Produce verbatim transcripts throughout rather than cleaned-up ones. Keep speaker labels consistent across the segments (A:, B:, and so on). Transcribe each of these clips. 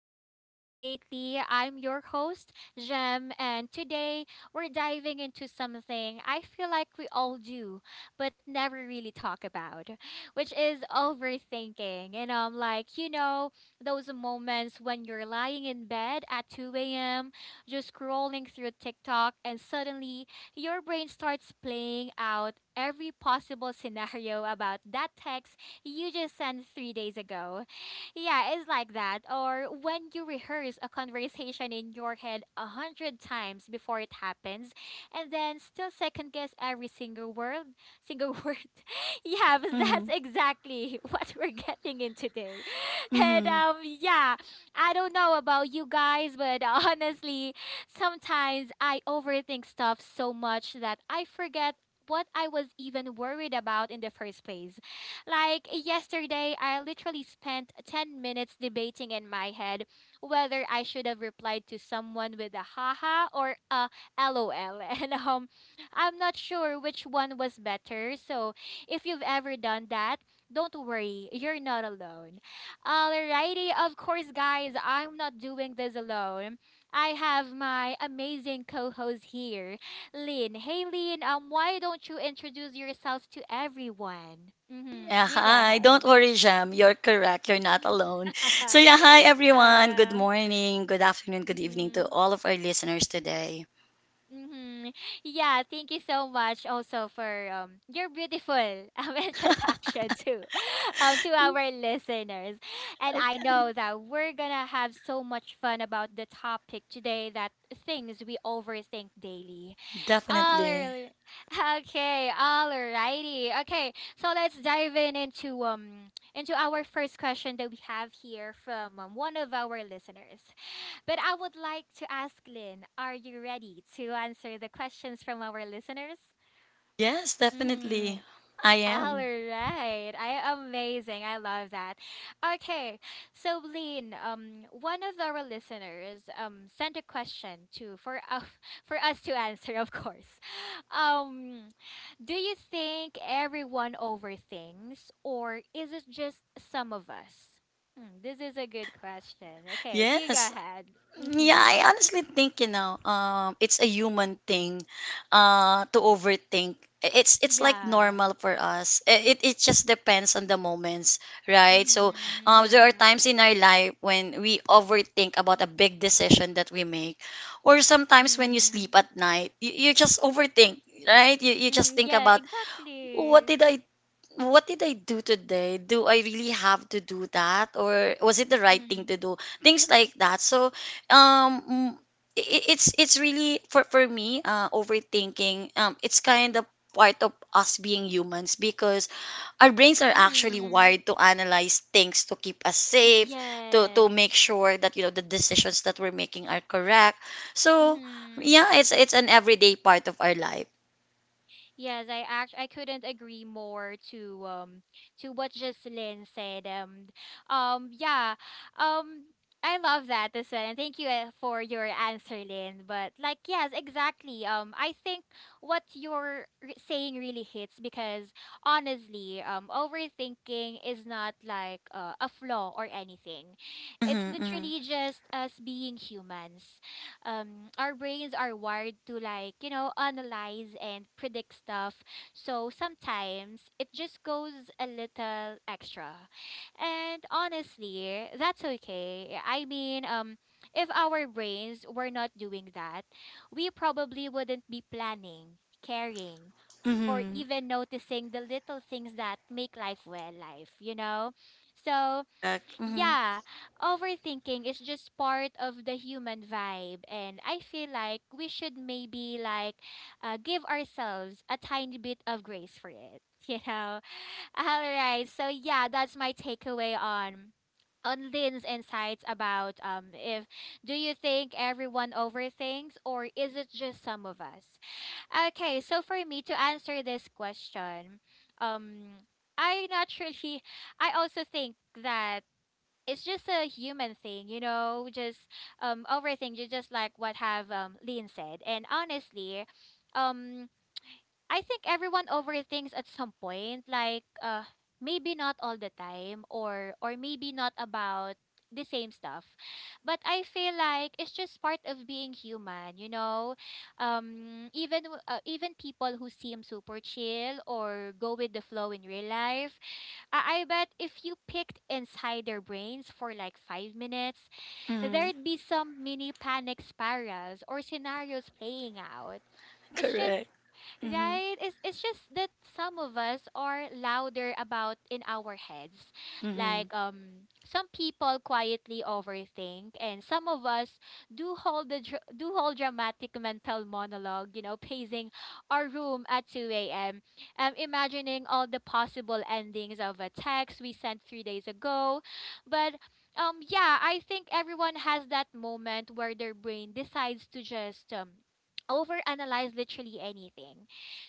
A: to Gem Talks Lately. I'm your host, Gem, and today we're diving into something I feel like we all do, but never really talk about, which is overthinking. And I'm like, you know, those moments when you're lying in bed at two a m, just scrolling through TikTok, and suddenly your brain starts playing out every possible scenario about that text you just sent three days ago yeah, it's like that. Or when you rehearse a conversation in your head a hundred times before it happens, and then still second guess every single word, single word. Yeah, but that's
B: Mhm.
A: exactly what we're getting in today. And
B: Mhm.
A: um, yeah, I don't know about you guys, but honestly, sometimes I overthink stuff so much that I forget what I was even worried about in the first place. Like yesterday, I literally spent ten minutes debating in my head whether I should have replied to someone with a haha or a lol. And um, I'm not sure which one was better. So if you've ever done that, don't worry, you're not alone. Alrighty, of course, guys, I'm not doing this alone. I have my amazing co host here. Lynn. Hey, Lynn. Um, why don't you introduce yourself to everyone? Mm-hmm.
B: Yeah,
A: You go
B: hi.
A: ahead.
B: Don't worry, Jam. You're correct. You're not alone. So, yeah, hi, everyone. Good
A: Yeah.
B: morning, good afternoon, good evening
A: Mm-hmm.
B: to all of our listeners today.
A: Mm-hmm. Yeah, thank you so much also for um your beautiful um, introduction too um to our listeners. And I
B: Okay.
A: know that we're gonna have so much fun about the topic today that things we overthink daily. All
B: Definitely.
A: right. Okay, alrighty. Okay, so let's dive in into um into our first question that we have here from um, one of our listeners. But I would like to ask Lynn, are you ready to answer the questions from our listeners?
B: Yes,
A: Mm-hmm.
B: definitely. I
A: All
B: am.
A: right. I amazing. I love that. Okay. So Lean, um one of our listeners um sent a question to for uh, for us to answer, of course. Um do you think everyone overthinks or is it just some of us? Hmm, this is a good question. Okay, you go
B: Yes.
A: ahead.
B: Yeah,
A: Mhm.
B: I honestly think, you know, um, it's a human thing, uh, to overthink. It's it's like
A: Yeah.
B: normal for us. It it just depends on the moments, right? So,
A: Mhm.
B: um, there are times
A: Yeah.
B: in our life when we overthink about a big decision that we make, or sometimes when you
A: Mhm.
B: sleep at night, you, you just overthink, right? You you just
A: Mhm.
B: think
A: Yeah,
B: about what
A: exactly.
B: did I what did I do today? Do I really have to do that, or was it the right thing
A: Mm-hmm.
B: to do? Things like that. So, um, it, it's it's really for for me, uh, overthinking. Um, it's kind of part of us being humans because our brains are actually
A: Mm-hmm.
B: wired to analyze things to keep us safe, to to make
A: Yes.
B: sure that you know the decisions that we're making are correct. So,
A: Mm-hmm.
B: yeah, it's it's an everyday part of our life.
A: Yes, I act I couldn't agree more to um to what Jocelyn said. Um um yeah. Um I love that as well. And thank you uh, for your answer, Lynn. But like yes, exactly. Um I think what you're r- saying really hits because honestly, um overthinking is not like uh, a flaw or anything. It's
B: Mm-hmm,
A: literally just us being humans. um our brains are wired to like you know analyze and predict stuff, so sometimes it just goes a little extra, and honestly that's okay. I mean um if our brains were not doing that, we probably wouldn't be planning, caring, or
B: mm-hmm,
A: even noticing the little things that make life well life, you know. So
B: mm-hmm.
A: yeah, overthinking is just part of the human vibe, and I feel like we should maybe like uh, give ourselves a tiny bit of grace for it, you know. All right, so yeah, that's my takeaway on on Lynn's insights about um if do you think everyone overthinks or is it just some of us? Okay, so for me to answer this question, um, I naturally, I also think that it's just a human thing, you know, just um overthink. overthinking, just like what have um Lynn said. And honestly, um I think everyone overthinks at some point, like uh maybe not all the time or or maybe not about the same stuff. But I feel like it's just part of being human, you know. Um even w- uh, even people who seem super chill or go with the flow in real life, I, I bet if you picked inside their brains for like five minutes, there'd be some mini panic spirals or scenarios playing out. It's just—
B: Correct. Mhm.
A: Right? It's it's just that some of us are louder about in our heads.
B: Mhm.
A: Like um some people quietly overthink and some of us do hold the dr- do hold dramatic mental monologue, you know, pacing our room at two a m. Um imagining all the possible endings of a text we sent three days ago. But um yeah, I think everyone has that moment where their brain decides to just um overanalyze literally anything.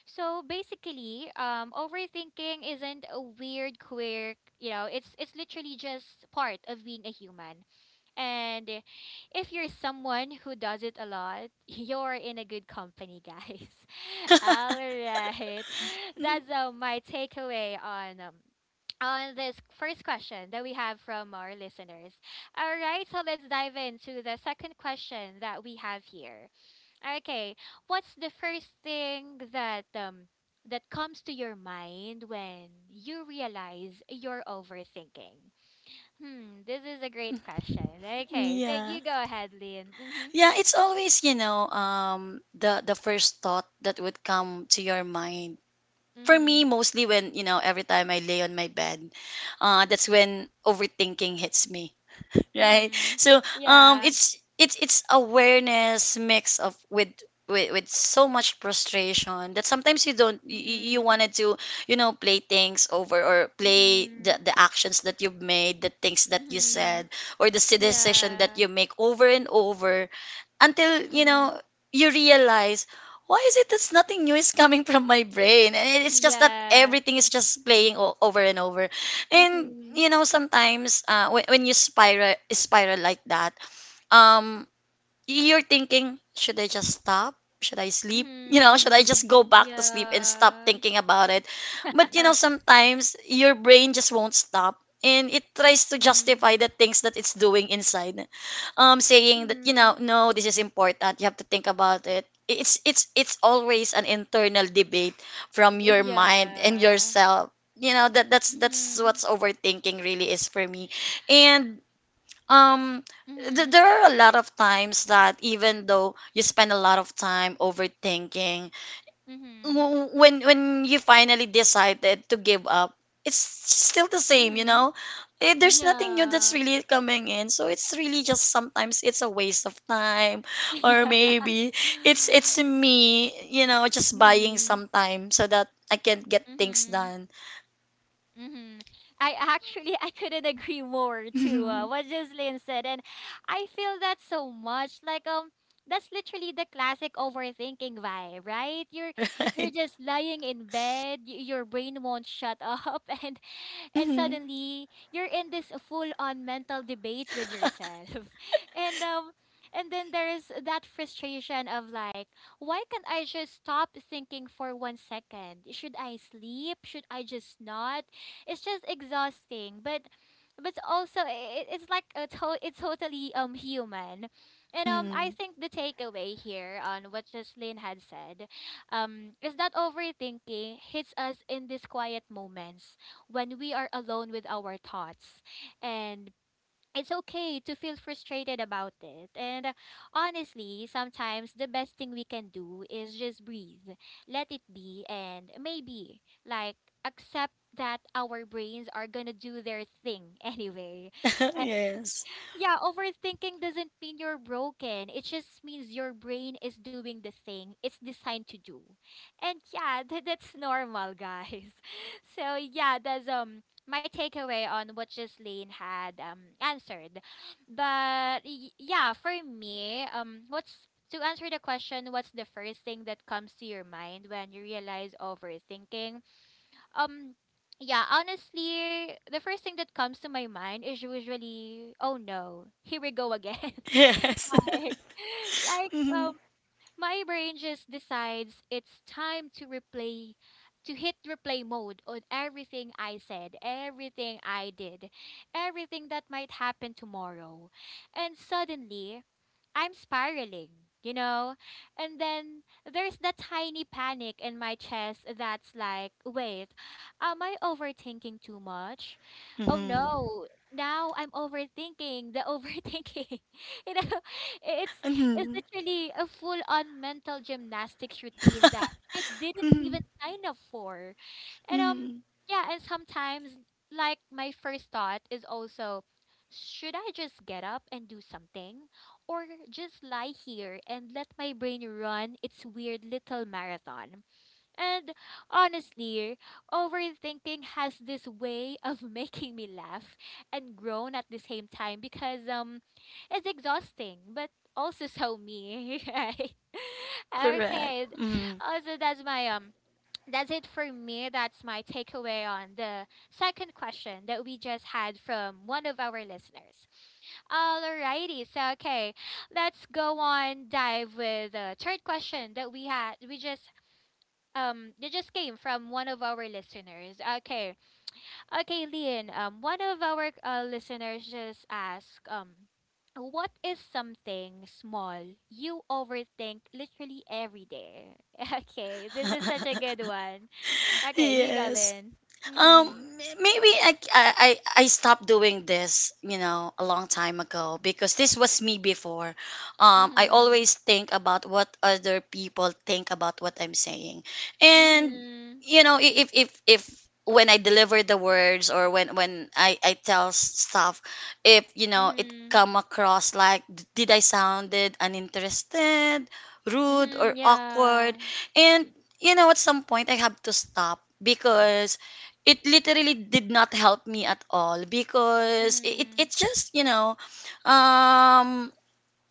A: So basically, um, overthinking isn't a weird quirk. You know, it's it's literally just part of being a human. And uh, if you're someone who does it a lot, you're in a good company, guys. All right,
B: Mm.
A: that's uh, my takeaway on um, on this first question that we have from our listeners. All right, so let's dive into the second question that we have here. Okay. What's the first thing that um that comes to your mind when you realize you're overthinking? Hmm, this is a great question. Okay, so
B: Yeah.
A: you go ahead, Lynn. Mhm.
B: Yeah, it's always, you know, um the the first thought that would come to your mind. For
A: Mhm.
B: me, mostly when, you know, every time I lay on my bed, uh that's when overthinking hits me. Right.
A: Mhm.
B: So um
A: Yeah.
B: it's it's it's awareness mix of with with, with so much frustration that sometimes you don't you, you you
A: Mhm.
B: wanted to you know play things over or play the,
A: Mhm.
B: the actions that you've made, the things that you
A: Mhm.
B: said or the s- decision that
A: Yeah.
B: you make over and over until you know
A: Mhm.
B: you realize, why is it that nothing new is coming from my brain and it's just that
A: Yeah.
B: everything is just playing o- over and over? And
A: Mhm.
B: you know sometimes uh, when, when you spiral spiral like that, um you're thinking, should I just stop? Should I sleep? You know, should I just go
A: Mhm.
B: back to sleep and stop
A: Yeah.
B: thinking about it? But you know, sometimes your brain just won't stop and it tries to justify
A: Mhm.
B: the things that it's doing inside. Um, saying that, you know,
A: Mhm.
B: no, this is important. You have to think about it. It's it's it's always an internal debate from your mind and
A: Yeah.
B: yourself. You know, that that's that's
A: Mhm.
B: what's overthinking really is for me. And um, th-
A: Mhm.
B: there are a lot of times that even though you spend a lot of time overthinking,
A: Mhm.
B: w- when when you finally decided to give up, it's still the same, you
A: Mhm.
B: know. Eh, there's nothing new that's
A: Yeah.
B: really coming in, so it's really just sometimes it's a waste of time, or
A: Yeah.
B: maybe it's it's me, you know, just buying
A: Mhm.
B: some time so that I can get things
A: Mhm.
B: done.
A: Mm-hmm. I actually I couldn't agree more to uh,
B: Mhm,
A: what Jocelyn said, and I feel that so much. Like um, that's literally the classic overthinking vibe, right? You're you're
B: right.
A: just lying in bed, y- your brain won't shut up, and and suddenly you're in this full-on mental debate with yourself, and um, and then there's that frustration of like, why can't I just stop thinking for one second? Should I sleep? Should I just not? It's just exhausting, but but also it, it's like a to- it's totally um human. And um I
B: Mm-hmm.
A: think the takeaway here on what Jocelyn had said um is that overthinking hits us in these quiet moments when we are alone with our thoughts, and it's okay to feel frustrated about it. And uh, honestly, sometimes the best thing we can do is just breathe, let it be, and maybe, like, accept that our brains are gonna do their thing anyway.
B: Yes.
A: Yeah, overthinking doesn't mean you're broken. It just means your brain is doing the thing it's designed to do. And yeah, th- that's normal, guys. So yeah, that's um my takeaway on what Jocelyn had um answered. But y- yeah, for me, um what's to answer the question, what's the first thing that comes to your mind when you realize overthinking? Um, yeah, honestly, the first thing that comes to my mind is usually, oh no, here we go again.
B: Yes.
A: Like, like um, my brain just decides it's time to replay, to hit replay mode on everything I said, everything I did, everything that might happen tomorrow. And suddenly, I'm spiraling, you know? And then there's that tiny panic in my chest that's like, wait, am I overthinking too much? Oh
B: Mhm.
A: no, now I'm overthinking the overthinking. You know, it's is
B: Mhm.
A: literally a full-on mental gymnastics routine that I didn't even
B: Mhm.
A: sign up for. And um,
B: Mhm.
A: yeah, and sometimes like my first thought is also, should I just get up and do something? Or just lie here and let my brain run its weird little marathon? And honestly, overthinking has this way of making me laugh and groan at the same time because um it's exhausting, but also so me, right?
B: Correct.
A: Okay. th-
B: Mhm.
A: Also that's my um that's it for me. That's my takeaway on the second question that we just had from one of our listeners. Alrighty, so okay, let's go on dive with the third question that we had we just um they just came from one of our listeners. Okay. Okay, Leon, um one of our uh, listeners just asked um what is something small you overthink literally every day? Okay, this is such a good one. Okay, you go,
B: Yes.
A: Lynn.
B: Um,
A: Mhm.
B: maybe I, I i I stopped doing this you know a long time ago because this was me before. Um, I
A: Mhm.
B: always think about what other people think about what I'm saying, and
A: Mhm.
B: you know i- if if if, when I deliver the words, or when when i i tell s- stuff, if you know it
A: Mhm.
B: come across like, d- did I sounded uninterested, rude
A: Mhm.
B: or
A: Yeah.
B: awkward? And you know at some point I have to stop because it literally did not help me at all because it, it
A: Mhm.
B: it's just you know, um,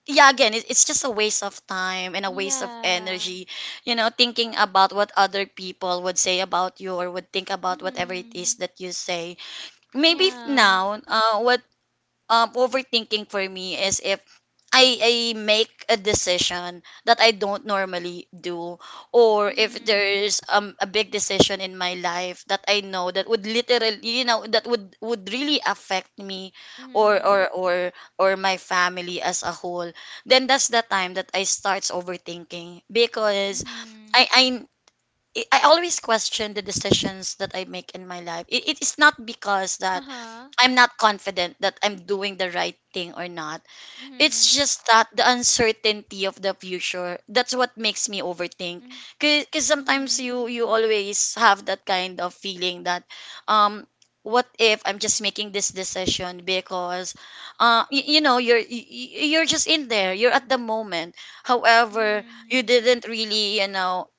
B: yeah, again it, it's just a waste of time and a waste of
A: Yeah.
B: energy, you know, thinking about what other people would say about you or would think about whatever it is
A: Mhm.
B: that you say. Maybe f-
A: Yeah.
B: now uh, what um overthinking for me is if I, I make a decision that I don't normally do, or if
A: Mhm.
B: there's um a big decision in my life that I know that would literally, you know, that would would really affect me, or
A: Mhm.
B: or or or my family as a whole, then that's the time that I starts overthinking because I
A: Mhm.
B: I I always question the decisions that I make in my life. It, it is not because that
A: Uh-huh.
B: I'm not confident that I'm doing the right thing or not.
A: Mhm.
B: It's just that the uncertainty of the future. That's what makes me overthink.
A: Mm.
B: Because sometimes
A: Mhm.
B: you you always have that kind of feeling that, um, what if I'm just making this decision because, uh, you, you know, you're y- y- you're just in there. You're at the moment. However, you
A: Mhm.
B: didn't really, you know,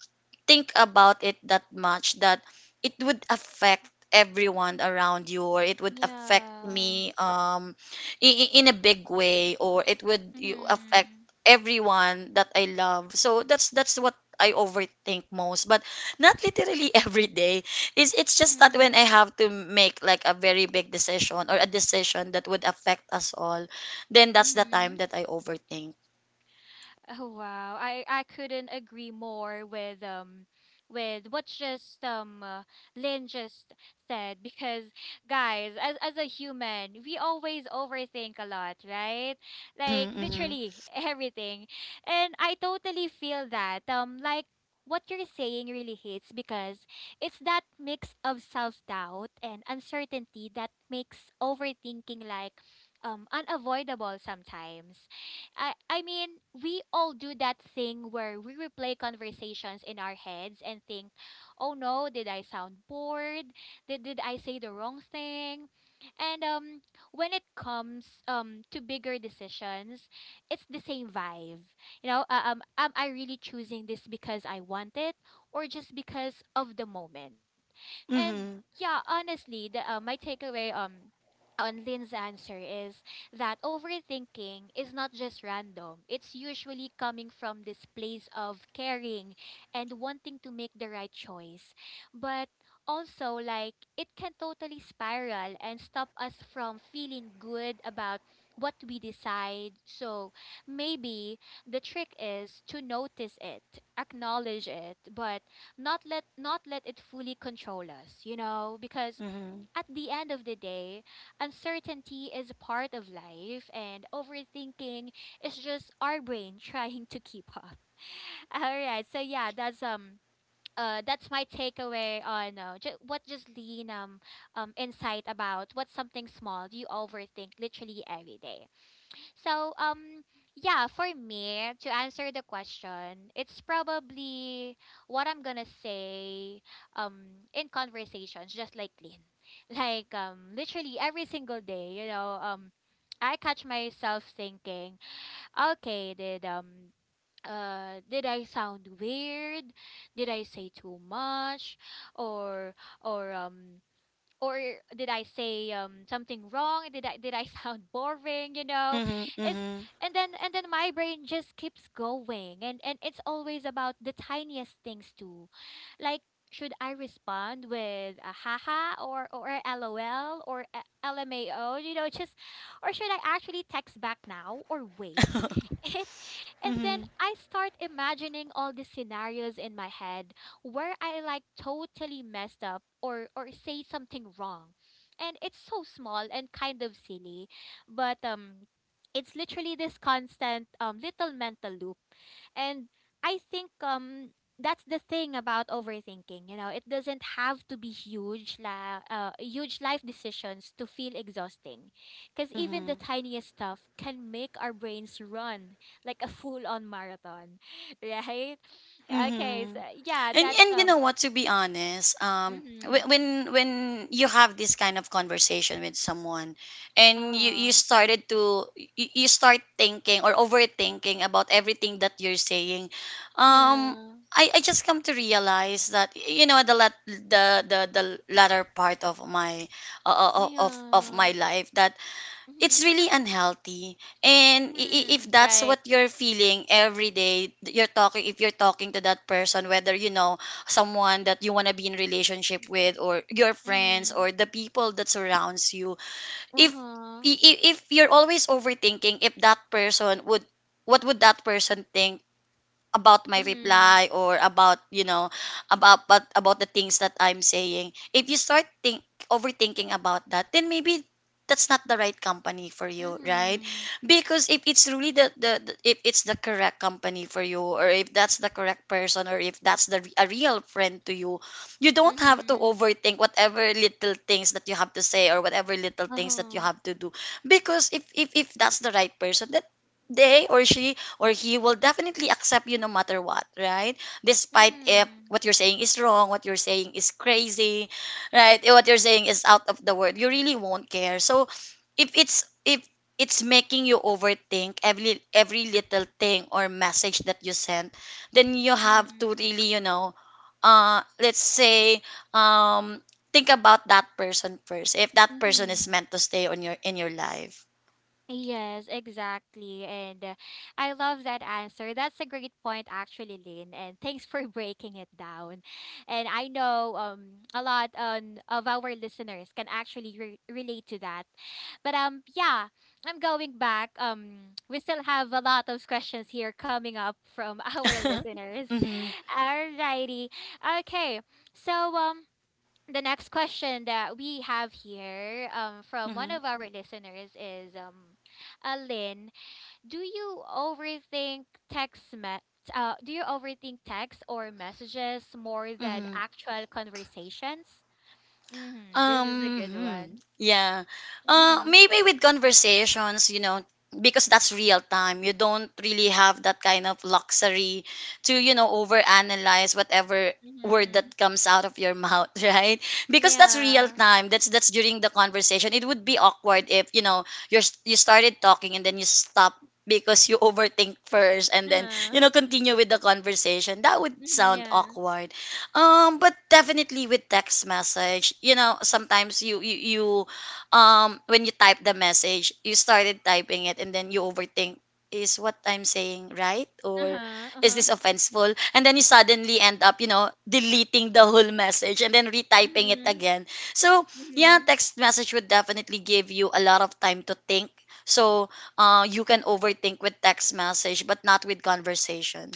B: think about it that much, that it would affect everyone around you or it would affect
A: Yeah.
B: me um in, in a big way, or it would you affect
A: Mhm.
B: everyone that I love. So that's that's what I overthink most, but not literally every day. Is it's just that when I
A: Mhm.
B: have to make like a very big decision or a decision that would affect us all, then that's the time
A: Mhm.
B: that I overthink.
A: Oh wow. I I couldn't agree more with um with what just um uh, Lynn just said because guys, as as a human, we always overthink a lot, right? Like
B: Mm-hmm.
A: literally everything. And I totally feel that. Um like what you're saying really hits because it's that mix of self-doubt and uncertainty that makes overthinking like um unavoidable sometimes. I I mean, we all do that thing where we replay conversations in our heads and think, "Oh no, did I sound bored? Did did I say the wrong thing?" And um when it comes um to bigger decisions, it's the same vibe. You know, uh, um am I really choosing this because I want it or just because of the moment? And
B: Mm-hmm.
A: yeah, honestly, the uh, my takeaway um on Lynn's answer is that overthinking is not just random. It's usually coming from this place of caring and wanting to make the right choice. But also, like, it can totally spiral and stop us from feeling good about what we decide. So maybe the trick is to notice it, acknowledge it, but not let not let it fully control us, you know, because
B: Mm-hmm.
A: at the end of the day, uncertainty is a part of life, and overthinking is just our brain trying to keep up. All right, so yeah, that's um. Uh, that's my takeaway on uh, ju- what just lean um, um insight about what's something small you overthink literally every day. So, um, yeah, for me, to answer the question, it's probably what I'm gonna say, um, in conversations, just like Lynn. Like, um, literally every single day, you know, um, I catch myself thinking, okay, did, um, uh, did I sound weird? Did I say too much? Or, or, um, or did I say um something wrong? Did I did I sound boring? You know,
B: Mm-hmm.
A: it's
B: Mm-hmm.
A: and then and then my brain just keeps going, and and it's always about the tiniest things too, like should I respond with a haha or or a lol or a lmao? You know, just or should I actually text back now or wait? It, and then
B: Mhm,
A: I start imagining all the scenarios in my head where I like totally messed up or or say something wrong. And it's so small and kind of silly, but um it's literally this constant um little mental loop. And I think um that's the thing about overthinking, you know, it doesn't have to be huge la- uh, huge life decisions to feel exhausting because even the
B: mhm,
A: tiniest stuff can make our brains run like a full on marathon, right? Okay, so
B: mhm.
A: yeah,
B: And
A: that's
B: and you
A: um.
B: know what? To be honest, um, whe-
A: Mhm.
B: when when you have this kind of conversation with someone,
A: Uh
B: and you you
A: huh.
B: started to you, you start thinking or overthinking about everything that you're saying, um,
A: Yeah.
B: I, I just come to realize that you know the lat- the the, the latter part of my uh, of of of
A: Yeah.
B: my life, that
A: Mhm.
B: it's really unhealthy, and i- i-
A: Mhm.
B: if that's
A: Right.
B: what you're feeling every day, th- you're talking, if you're talking to that person, whether you know someone that you want to be in relationship with, or your friends,
A: Mhm.
B: or the people that surrounds you,
A: Uh
B: if
A: huh.
B: i- i- if you're always overthinking, if that person would, what would that person think about my
A: Mhm.
B: reply, or about you know about about, about the things that I'm saying? If you start think overthinking about that, then maybe that's not the right company for you, right?
A: Mhm.
B: Because if it's really the, the, the if it's the correct company for you, or if that's the correct person, or if that's the a real friend to you, you don't have to
A: Mhm.
B: overthink whatever little things that you have to say or whatever little
A: Uh
B: things that you
A: huh.
B: have to do, because if if, if that's the right person, that they or she or he will definitely accept you no matter what, right? Despite if
A: Mhm.
B: what you're saying is wrong, what you're saying is crazy, right? If what you're saying is out of the word, you really won't care. So if it's if it's making you overthink every every little thing or message that you send, then you have to
A: Mhm.
B: really, you know, uh, let's say um think about that person first, if that person is
A: Mhm.
B: meant to stay on your in your life.
A: Yes, exactly. And uh, I love that answer. That's a great point, actually, Lynn. And thanks for breaking it down. And I know um, a lot on, of our listeners can actually re- relate to that. But um, yeah, I'm going back. Um, we still have a lot of questions here coming up from our listeners.
B: Mhm.
A: Alrighty. Okay. So um, the next question that we have here um, from one
B: Mhm.
A: of our listeners is um, Alin, do you overthink text me- uh, do you overthink text or messages more than
B: Mhm.
A: actual conversations? Mm-hmm. This
B: Um,
A: is a good
B: hmm,
A: one.
B: yeah. Uh,
A: Uh-huh.
B: maybe with conversations, you know, because that's real time. You don't really have that kind of luxury to, you know, overanalyze whatever word
A: Mm-hmm.
B: that comes out of your mouth, right? Because that's real
A: Yeah.
B: time. That's that's during the conversation. It would be awkward if, you know, you're you started talking and then you stop because you overthink first, and then
A: Uh-huh.
B: you know continue with the conversation, that would
A: Mm-hmm.
B: sound
A: Yeah.
B: awkward. Um, but definitely with text message, you know, sometimes you you, you um when you type the message, you started typing it and then you overthink, is what I'm saying right, or
A: Uh-huh.
B: is
A: Uh-huh.
B: this offenseful? And then you suddenly end up, you know, deleting the whole message and then retyping it
A: Mm-hmm.
B: again. So, yeah,
A: Mm-hmm.
B: text message would definitely give you a lot of time to think. So, uh, you can overthink with text message but not with conversation.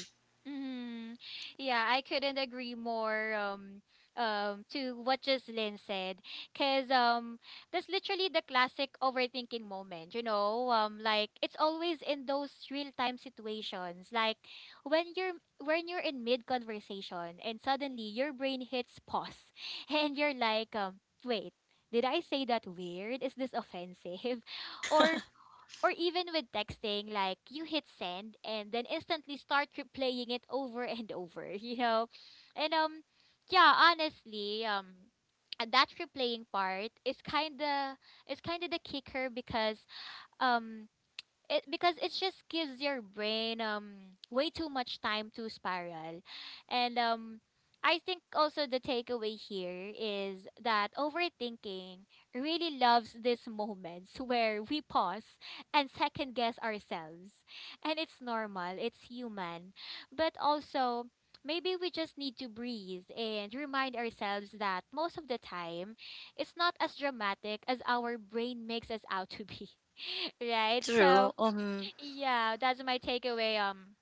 A: Mm, yeah, I couldn't agree more um um to what Jocelyn said cuz um that's literally the classic overthinking moment, you know? Um like it's always in those real-time situations like when you're when you're in mid conversation and suddenly your brain hits pause and you're like um wait, did I say that weird? Is this offensive? Or or even with texting, like you hit send and then instantly start replaying it over and over, you know? And um yeah, honestly, um and that replaying part is kinda is kinda the kicker because um it because it just gives your brain um way too much time to spiral and um I think also the takeaway here is that overthinking really loves these moments where we pause and second guess ourselves, and it's normal, it's human, but also maybe we just need to breathe and remind ourselves that most of the time, it's not as dramatic as our brain makes us out to be, right? So
B: True. Mhm.
A: yeah, that's my takeaway um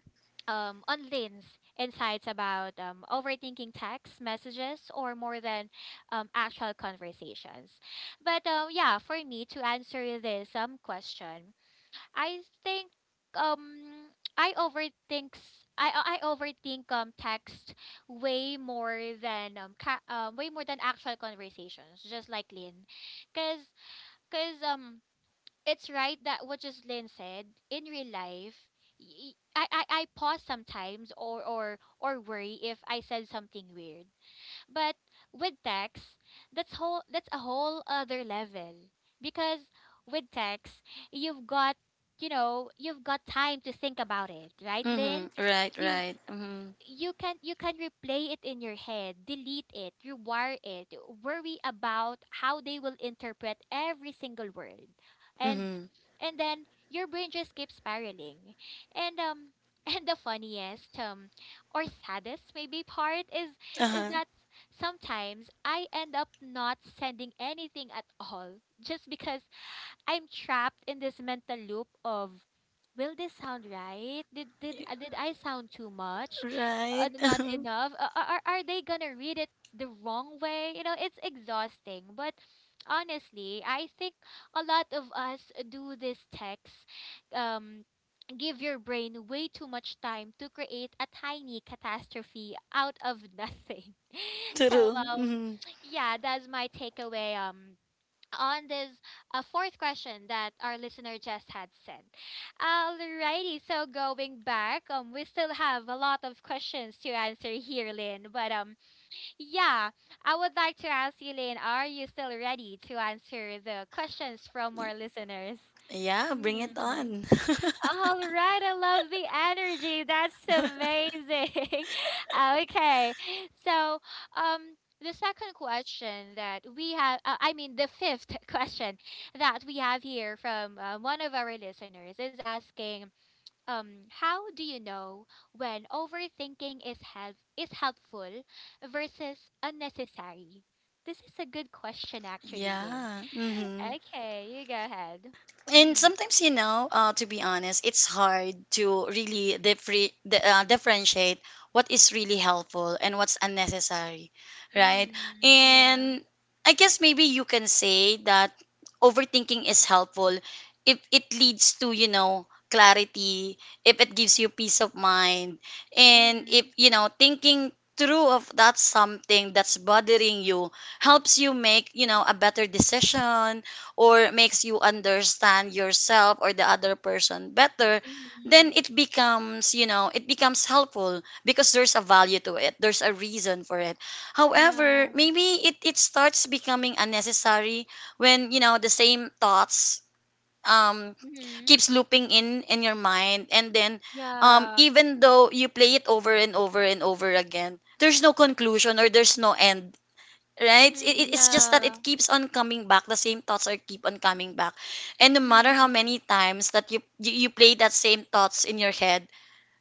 A: um on Lynn's insights about um overthinking text messages or more than um actual conversations. But um yeah, for me to answer this um question, I think um I overthink s- I I I overthink um text way more than um ca- um way more than actual conversations, just like Lynn. Cause cause um it's right that what Jocelyn said in real life. y- y- I, I, I pause sometimes or, or or worry if I said something weird. But with text, that's whole that's a whole other level because with text you've got, you know, you've got time to think about it, right,
B: Mm-hmm.
A: Lynn?
B: Right,
A: You
B: right. Mm-hmm.
A: you can you can replay it in your head, delete it, rewire it, worry about how they will interpret every single word. And
B: Mm-hmm.
A: and then your brain just keeps spiraling. And um and the funniest um or saddest maybe part is is
B: Uh-huh.
A: that sometimes I end up not sending anything at all just because I'm trapped in this mental loop of will this sound right? Did did
B: Yeah.
A: uh, did I sound too much? Uh,
B: Right.
A: not enough? Uh, are are are they gonna read it the wrong way? You know, it's exhausting. But honestly, I think a lot of us do this text, um give your brain way too much time to create a tiny catastrophe out of nothing. So
B: True.
A: um
B: Mm-hmm.
A: yeah, that's my takeaway um on this uh, fourth question that our listener just had sent. Alrighty, so going back, um, we still have a lot of questions to answer here, Lynn. But um, yeah, I would like to ask you, Lynn, are you still ready to answer the questions from our listeners?
B: Yeah, bring it
A: Mhm.
B: on.
A: All right, I love the energy. That's amazing. Okay. So, um the second question that we have uh, I mean the fifth question that we have here from uh, one of our listeners is asking um how do you know when overthinking is help is helpful versus unnecessary? This is a good question actually, Lynn.
B: Yeah. Mm-hmm.
A: Okay, you go ahead.
B: And
A: Mhm.
B: sometimes you know uh, to be honest, it's hard to really differ- di- uh, differentiate what is really helpful and what's unnecessary, right?
A: Mhm. Yeah.
B: And I guess maybe you can say that overthinking is helpful if it leads to, you know, clarity, if it gives you peace of mind, and if
A: Mhm.
B: you know thinking through of that something that's bothering you helps you make, you know, a better decision, or makes you understand yourself or the other person better, then
A: Mhm.
B: it becomes, you know, it becomes helpful because there's a value to it, there's a reason for it. However,
A: Yeah.
B: maybe it, it starts becoming unnecessary when, you know, the same thoughts um
A: Mhm.
B: keeps looping in in your mind, and then um
A: Yeah.
B: even though you play it over and over and over again, there's no conclusion, or there's no end, right? It, it-
A: Mhm.
B: it's just that it
A: Yeah.
B: keeps on coming back. The same thoughts are keep on coming back, and no matter how
A: Mhm.
B: many times that you you, you play that same thoughts in your head,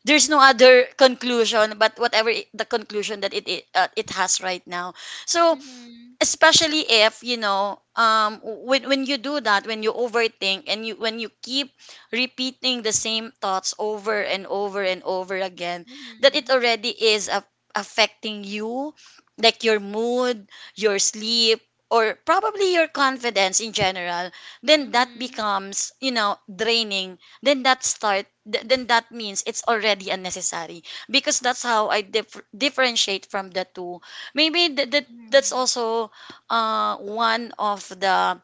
B: there's no other conclusion but whatever it- the conclusion that it it, uh, it has right now. So
A: Mhm.
B: especially if you know um when when you do that when you overthink and you when you keep repeating the same thoughts over and over and over again, that it
A: Mhm.
B: already is a- affecting you, like your mood, your sleep, or probably your confidence in general, then that
A: Mhm.
B: becomes, you know, draining. Then that start th- then that means it's already unnecessary, because that's how i dif- differentiate from the two. Maybe that that that's
A: Mhm.
B: also uh one of the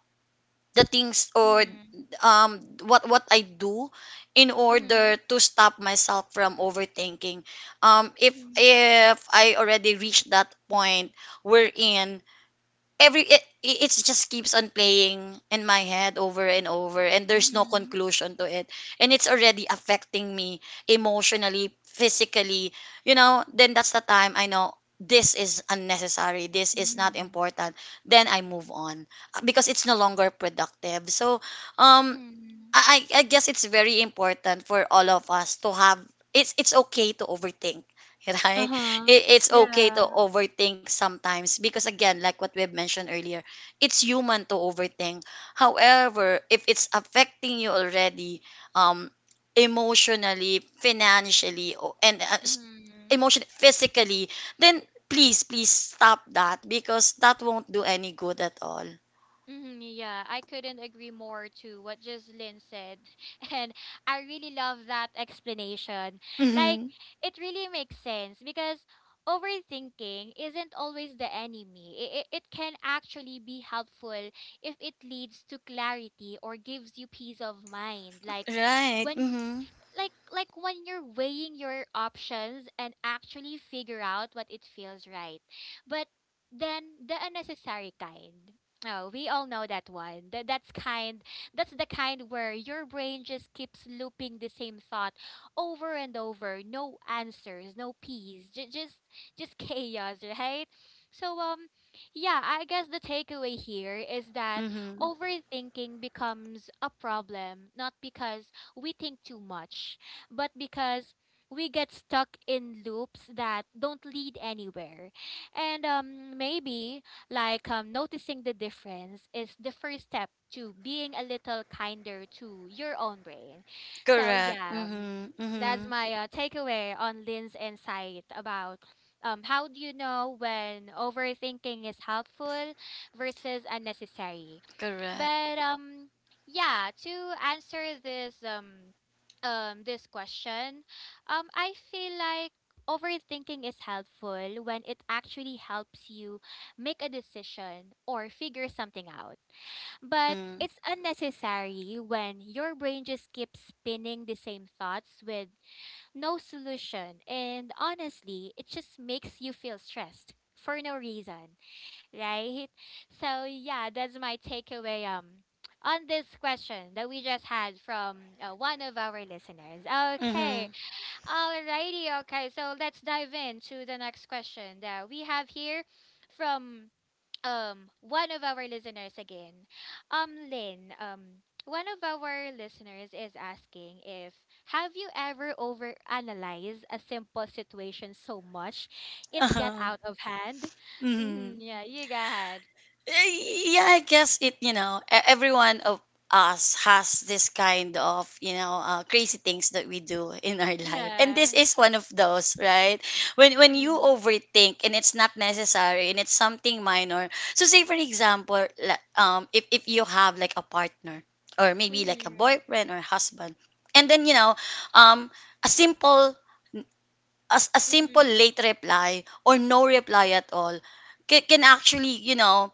B: the things, or
A: Mhm.
B: um what what I do in
A: Mhm.
B: order to stop myself from overthinking. Um if
A: Mhm.
B: if I already reached that point wherein every it, it just keeps on playing in my head over and over and there's no
A: Mhm.
B: conclusion to it, and it's already affecting me emotionally, physically, you know, then that's the time I know this is unnecessary, this is not
A: Mhm.
B: important. Then I move on, uh, because it's no longer productive. so um
A: Mhm.
B: I I I guess it's very important for all of us to have, it's it's okay to overthink, right?
A: Uh-huh.
B: It, it's okay to
A: Yeah.
B: overthink sometimes, because again, like what we've mentioned earlier, it's human to overthink. However, if it's affecting you already, um, emotionally, financially, o- and uh, s-
A: Mhm.
B: emotion physically, then please, please stop that, because that won't do any good at all.
A: Hmm, yeah, I couldn't agree more to what Jocelyn said. And I really love that explanation. Like,
B: Mm-hmm.
A: it really makes sense because overthinking isn't always the enemy. It, it, it can actually be helpful if it leads to clarity or gives you peace of mind. Like,
B: Right.
A: when
B: Mm-hmm.
A: like like when you're weighing your options and actually figure out what it feels right. But then the unnecessary kind. Oh, we all know that one. That that's kind. That's the kind where your brain just keeps looping the same thought over and over. No answers, no peace. J- just just chaos, right? So um yeah, I guess the takeaway here is that
B: Mm-hmm.
A: overthinking becomes a problem not because we think too much, but because we get stuck in loops that don't lead anywhere. And um, maybe like um, noticing the difference is the first step to being a little kinder to your own brain. So,
B: Correct.
A: yeah.
B: Mhm.
A: That's
B: Mhm.
A: my uh, takeaway on Lynn's insight about um, how do you know when overthinking is helpful versus unnecessary.
B: Correct.
A: But um, yeah, to answer this um, um, this question, um, I feel like overthinking is helpful when it actually helps you make a decision or figure something out. But
B: Mm.
A: it's unnecessary when your brain just keeps spinning the same thoughts with no solution. And honestly, it just makes you feel stressed for no reason, right? So yeah, that's my takeaway um on this question that we just had from uh, one of our listeners. Okay.
B: Mhm.
A: Alrighty. Okay. So let's dive into the next question that we have here from um one of our listeners again, um Lynn, um one of our listeners is asking if have you ever overanalyzed a simple situation so much it got
B: Uh-huh.
A: out of hand? Mm,
B: Mhm.
A: yeah, you got,
B: Y- Yeah, I guess it, you know, e- every one of us has this kind of, you know, uh, crazy things that we do in our life. And
A: yeah.
B: this is one of those, right? When when you
A: Mm.
B: overthink and it's not necessary and it's something minor. So say for example, la- um if if you have like a partner, or maybe like a
A: Mm-hmm.
B: boyfriend or husband, and then, you know, um a simple, as a simple
A: Mm-hmm.
B: late reply or no reply at all, can, can actually, you know,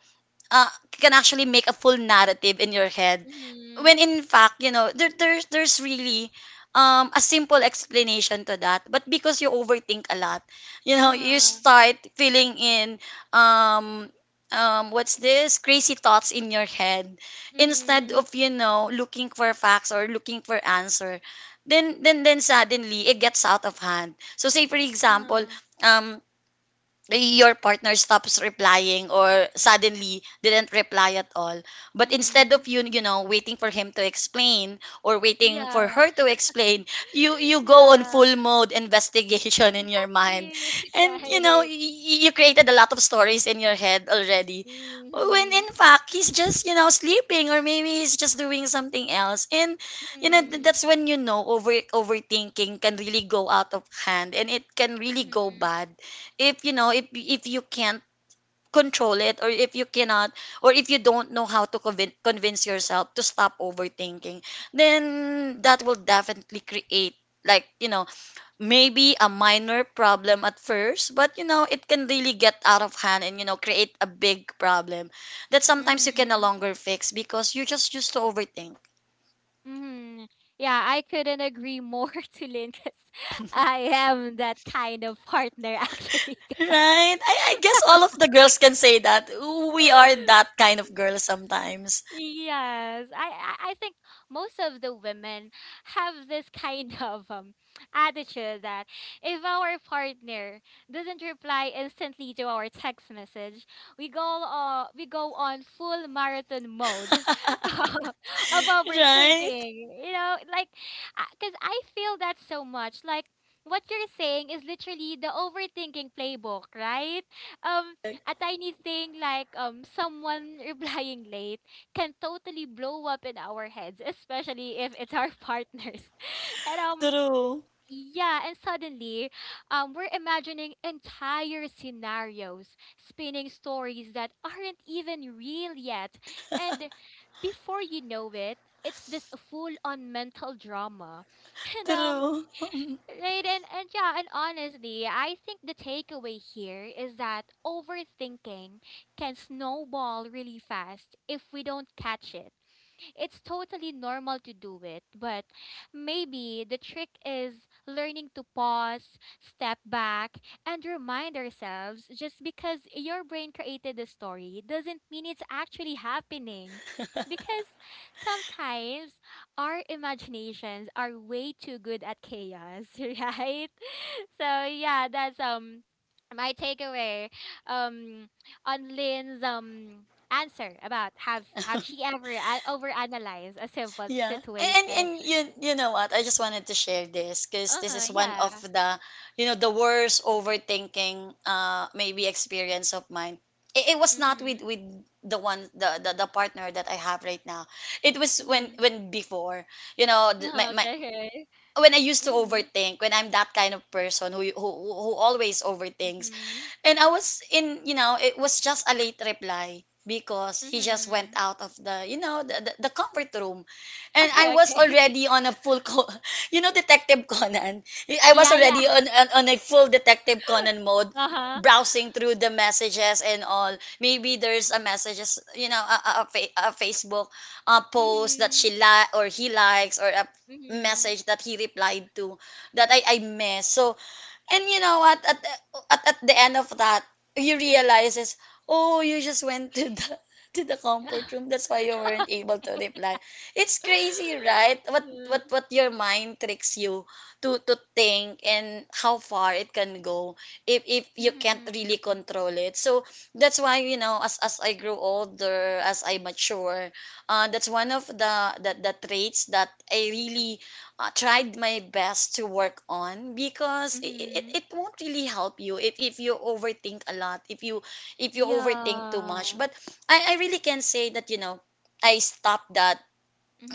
B: uh, can actually make a full narrative in your head,
A: Mm-hmm.
B: when in fact, you know, there, there's there's really, um, a simple explanation to that, but because you overthink a lot, you know, you
A: Uh-huh.
B: start filling in, um, um, what's this crazy thoughts in your head, instead
A: Mm.
B: of, you know, looking for facts or looking for answer. Then then then suddenly it gets out of hand. So say for example,
A: Uh-huh.
B: um, your partner stops replying or suddenly didn't reply at all, but instead
A: Mm.
B: of you you know, waiting for him to explain or waiting
A: Yeah.
B: for her to explain, you you go on
A: Yeah,
B: full mode investigation in your mind,
A: exactly,
B: and you know,
A: right.
B: you, you created a lot of stories in your head already,
A: Hmm.
B: when
A: Mm-hmm.
B: in fact he's just, you know, sleeping, or maybe he's just doing something else. And you know, th-
A: Mm-hmm.
B: that's when, you know, over overthinking can really go out of hand, and it can really go
A: Mm-hmm.
B: bad, if you know, if if you can't control it, or if you cannot, or if you don't know how to convin- convince yourself to stop overthinking, then that will definitely create, like, you know, maybe a minor problem at first, but you know, it can really get out of hand, and you know, create a big problem that sometimes you can no
A: Mm-hmm.
B: longer fix, because you just used to overthink.
A: Mm-hmm. Yeah, I couldn't agree more to Lynn because I am that kind of partner, actually.
B: Right, I, I guess all of the girls can say that we are
A: Guys.
B: that kind of girl sometimes.
A: Yes, I, I I think most of the women have this kind of um attitude that if our partner doesn't reply instantly to our text message, we go uh, we go on full marathon mode of
B: Right.
A: overthinking. You know, like because I feel that so much. Like what you're saying is literally the overthinking playbook, right? Um, a tiny thing like um someone replying late can totally blow up in our heads, especially if it's our partners. And um
B: True.
A: yeah, and suddenly um we're imagining entire scenarios, spinning stories that aren't even real yet. And before you know it, it's this full on mental drama. And um
B: True. Mm.
A: right, and, and yeah, and honestly, I think the takeaway here is that overthinking can snowball really fast if we don't catch it. It's totally normal to do it, but maybe the trick is learning to pause, step back, and remind ourselves just because your brain created the story doesn't mean it's actually happening. Because sometimes our imaginations are way too good at chaos, right? So yeah, that's um my takeaway um on Lynn's um answer about have have she ever a- overanalyzed a simple
B: Yeah. And, and
A: situation?
B: and you, you know what? I just wanted to share this, because this
A: Uh
B: is one of
A: yeah.
B: the, you know, the worst overthinking, uh maybe, experience of mine. It, it was not with
A: Mhm.
B: with the one, the, the the partner that I have right now. It was when
A: Mhm.
B: when before, you know, th-
A: Oh,
B: my, my
A: okay. Okay.
B: when I used to
A: Mhm.
B: overthink, when I'm that kind of person who who who who always overthinks.
A: Mhm.
B: And I was in, you know, it was just a late reply because he just went
A: Mhm.
B: out of the, you know, the, the, the comfort room. And I
A: Okay.
B: was
A: Okay.
B: already on a full, co- you know, Detective Conan. I was
A: yeah. Yeah.
B: already on, on, on a full Detective Conan mode,
A: Uh huh.
B: browsing through the messages and all. Maybe there's a messages, you know, a, a, a fa- a Facebook uh, post that she
A: Mhm.
B: li- or he likes, or a
A: Mhm.
B: message that he replied to that I, I missed. So, and you know what? At, at at the end of that, you realizes, oh, you just went to the to the comfort room. That's why you weren't able to reply. It's crazy, right? What
A: Yeah.
B: what what your mind tricks you to to think, and how far it can go if if you
A: Mhm.
B: can't really
A: Mhm.
B: control it. So that's why, you know, as as I grow older, as I mature, uh, that's one of the the, the traits that I really uh, tried my best to work on, because it, it, it won't really help you if, if you overthink a lot, if you if you overthink too
A: Yeah.
B: much. But i, I really can say that, you know, I stopped that.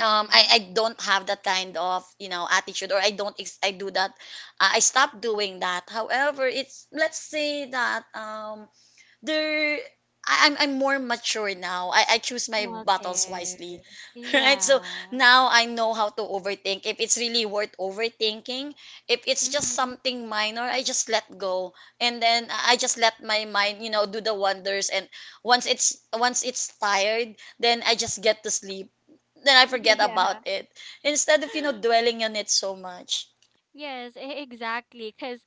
B: um, I, I don't have that kind of, you know, attitude, or I don't ex- I do that, i I stopped doing that. However, it's, let's say that, um, there, I- I'm I'm more mature now. I, I choose my battles
A: Okay.
B: wisely. Right? So
A: Yeah.
B: now I know how to overthink. If it's really worth overthinking, if it's just
A: Mhm.
B: something minor, I just let go. And then I I just let my mind, you know, do the wonders, and once it's, once it's tired, then I just get to sleep. Then I forget
A: Yeah.
B: about it. Instead of, you know, dwelling on it so much.
A: Yes, e- exactly. Because,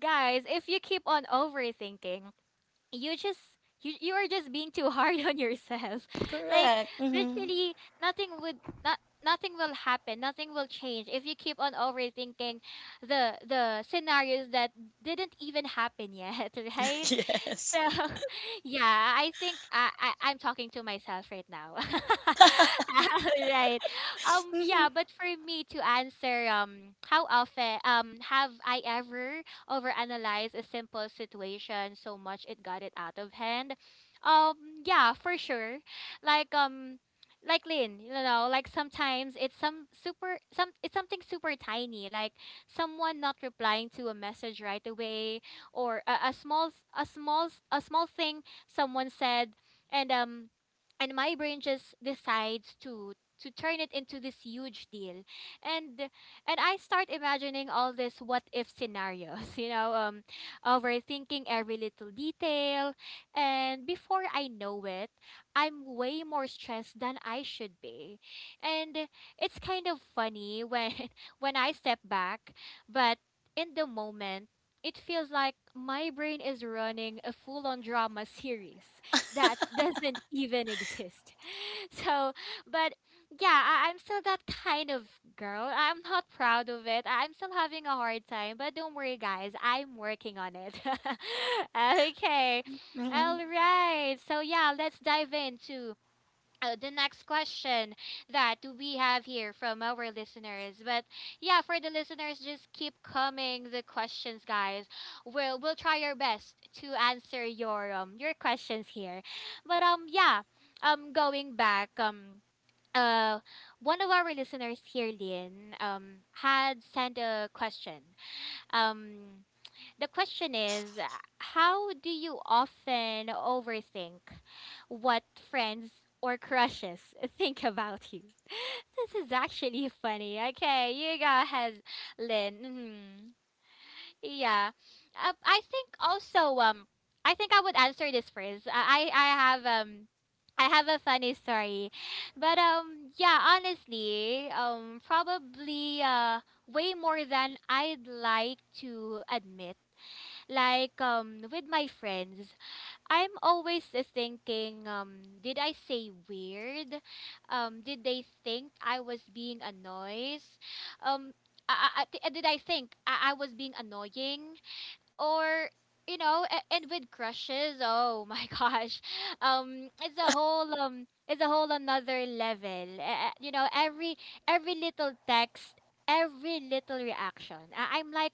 A: guys, if you keep on overthinking, you just you you are just being too hard on yourself. Like
B: Correct. Hmm.
A: literally nothing would not nothing will happen, nothing will change if you keep on overthinking the the scenarios that didn't even happen yet, right? So
B: Yes.
A: yeah, I think I, I I'm talking to myself right now. Right. Um
B: Hmm.
A: yeah, but for me to answer um how often um have I ever overanalyze a simple situation so much it got it out of hand. Um, yeah, for sure. Like um like Lynn, you know, like sometimes it's some super some it's something super tiny, like someone not replying to a message right away or a, a small s- a small s- a small thing someone said and um and my brain just decides to to turn it into this huge deal and and I start imagining all this what if scenarios, you know, um, overthinking every little detail. And before I know it, I'm way more stressed than I should be. And it's kind of funny when when I step back, but in the moment, it feels like my brain is running a full-on drama series that doesn't even exist. so, but yeah, I, I'm still that kind of girl. I'm not proud of it. I'm still having a hard time, but don't worry, guys. I'm working on it. Okay.
B: Hmm.
A: All right. So, yeah, let's dive into uh, the next question that we have here from our listeners. But yeah, for the listeners, just keep coming the questions, guys. We'll we'll try our best to answer your um your questions here. But um yeah, um going back um. Uh, one of our listeners here, Lin, um, had sent a question. Um, the question is, uh, how do you often overthink what friends or crushes think about you? This is actually funny. Okay, you go ahead, Lynn. Mhm. Yeah, uh, I think also um, I think I would answer this first. I I I have um. I have a funny story. But um yeah, honestly, um probably uh way more than I'd like to admit. Like um with my friends, I'm always uh, thinking um did I say weird? Um did they think I was being a noise? Um I, I, I- uh, did I think I, I was being annoying or you know a- and with crushes oh my gosh um it's a whole um it's a whole another level uh, you know every every little text every little reaction I- I'm like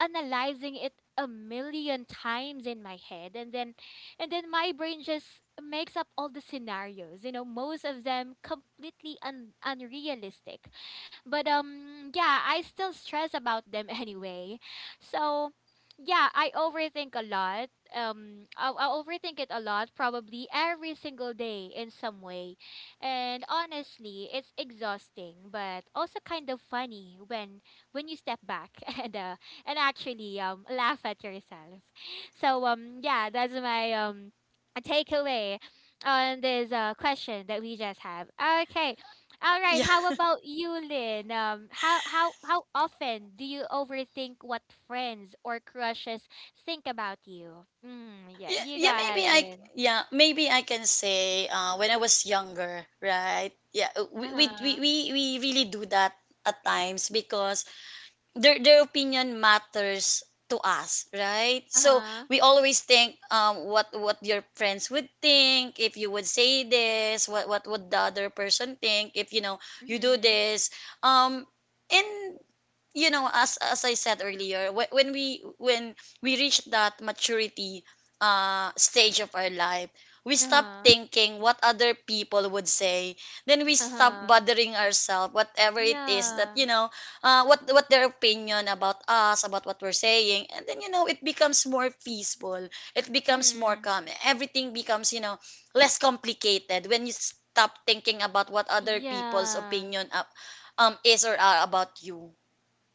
A: analyzing it a million times in my head and then and then my brain just makes up all the scenarios you know most of them completely un- unrealistic but um yeah I still stress about them anyway so yeah I overthink a lot. um I, I overthink it a lot probably every single day in some way and honestly it's exhausting but also kind of funny when when you step back and uh, and actually um laugh at yourself. So um yeah, that's my um takeaway on this uh question that we just have. Okay. All
B: Yeah.
A: right, how about you, Lynn? Um how how how often do you overthink what friends or crushes think about you? Mm, yeah,
B: Yeah,
A: you go
B: yeah,
A: ahead,
B: maybe I,
A: Lynn.
B: yeah, maybe I can say, uh, when I was younger, right? Yeah, uh, we we, we,
A: Uh-huh.
B: we we really do that at times, because their their opinion matters to us, right? So
A: Uh-huh.
B: we always think, um what what your friends would think if you would say this, what what would the other person think if, you know, you do
A: Mhm.
B: this. Um and you know, as as I said earlier, wh- when we when we reach that maturity, uh stage of our life, we stop
A: Uh-huh.
B: thinking what other people would say. Then we stop
A: Uh-huh.
B: bothering ourselves whatever it is that,
A: Yeah.
B: you know, uh, what what their opinion about us, about what we're saying, and then, you know, it becomes more peaceful, it becomes more
A: Mhm.
B: calm, everything becomes, you know, less complicated, when you stop thinking about what other people's
A: Yeah.
B: opinion up um is or are about you.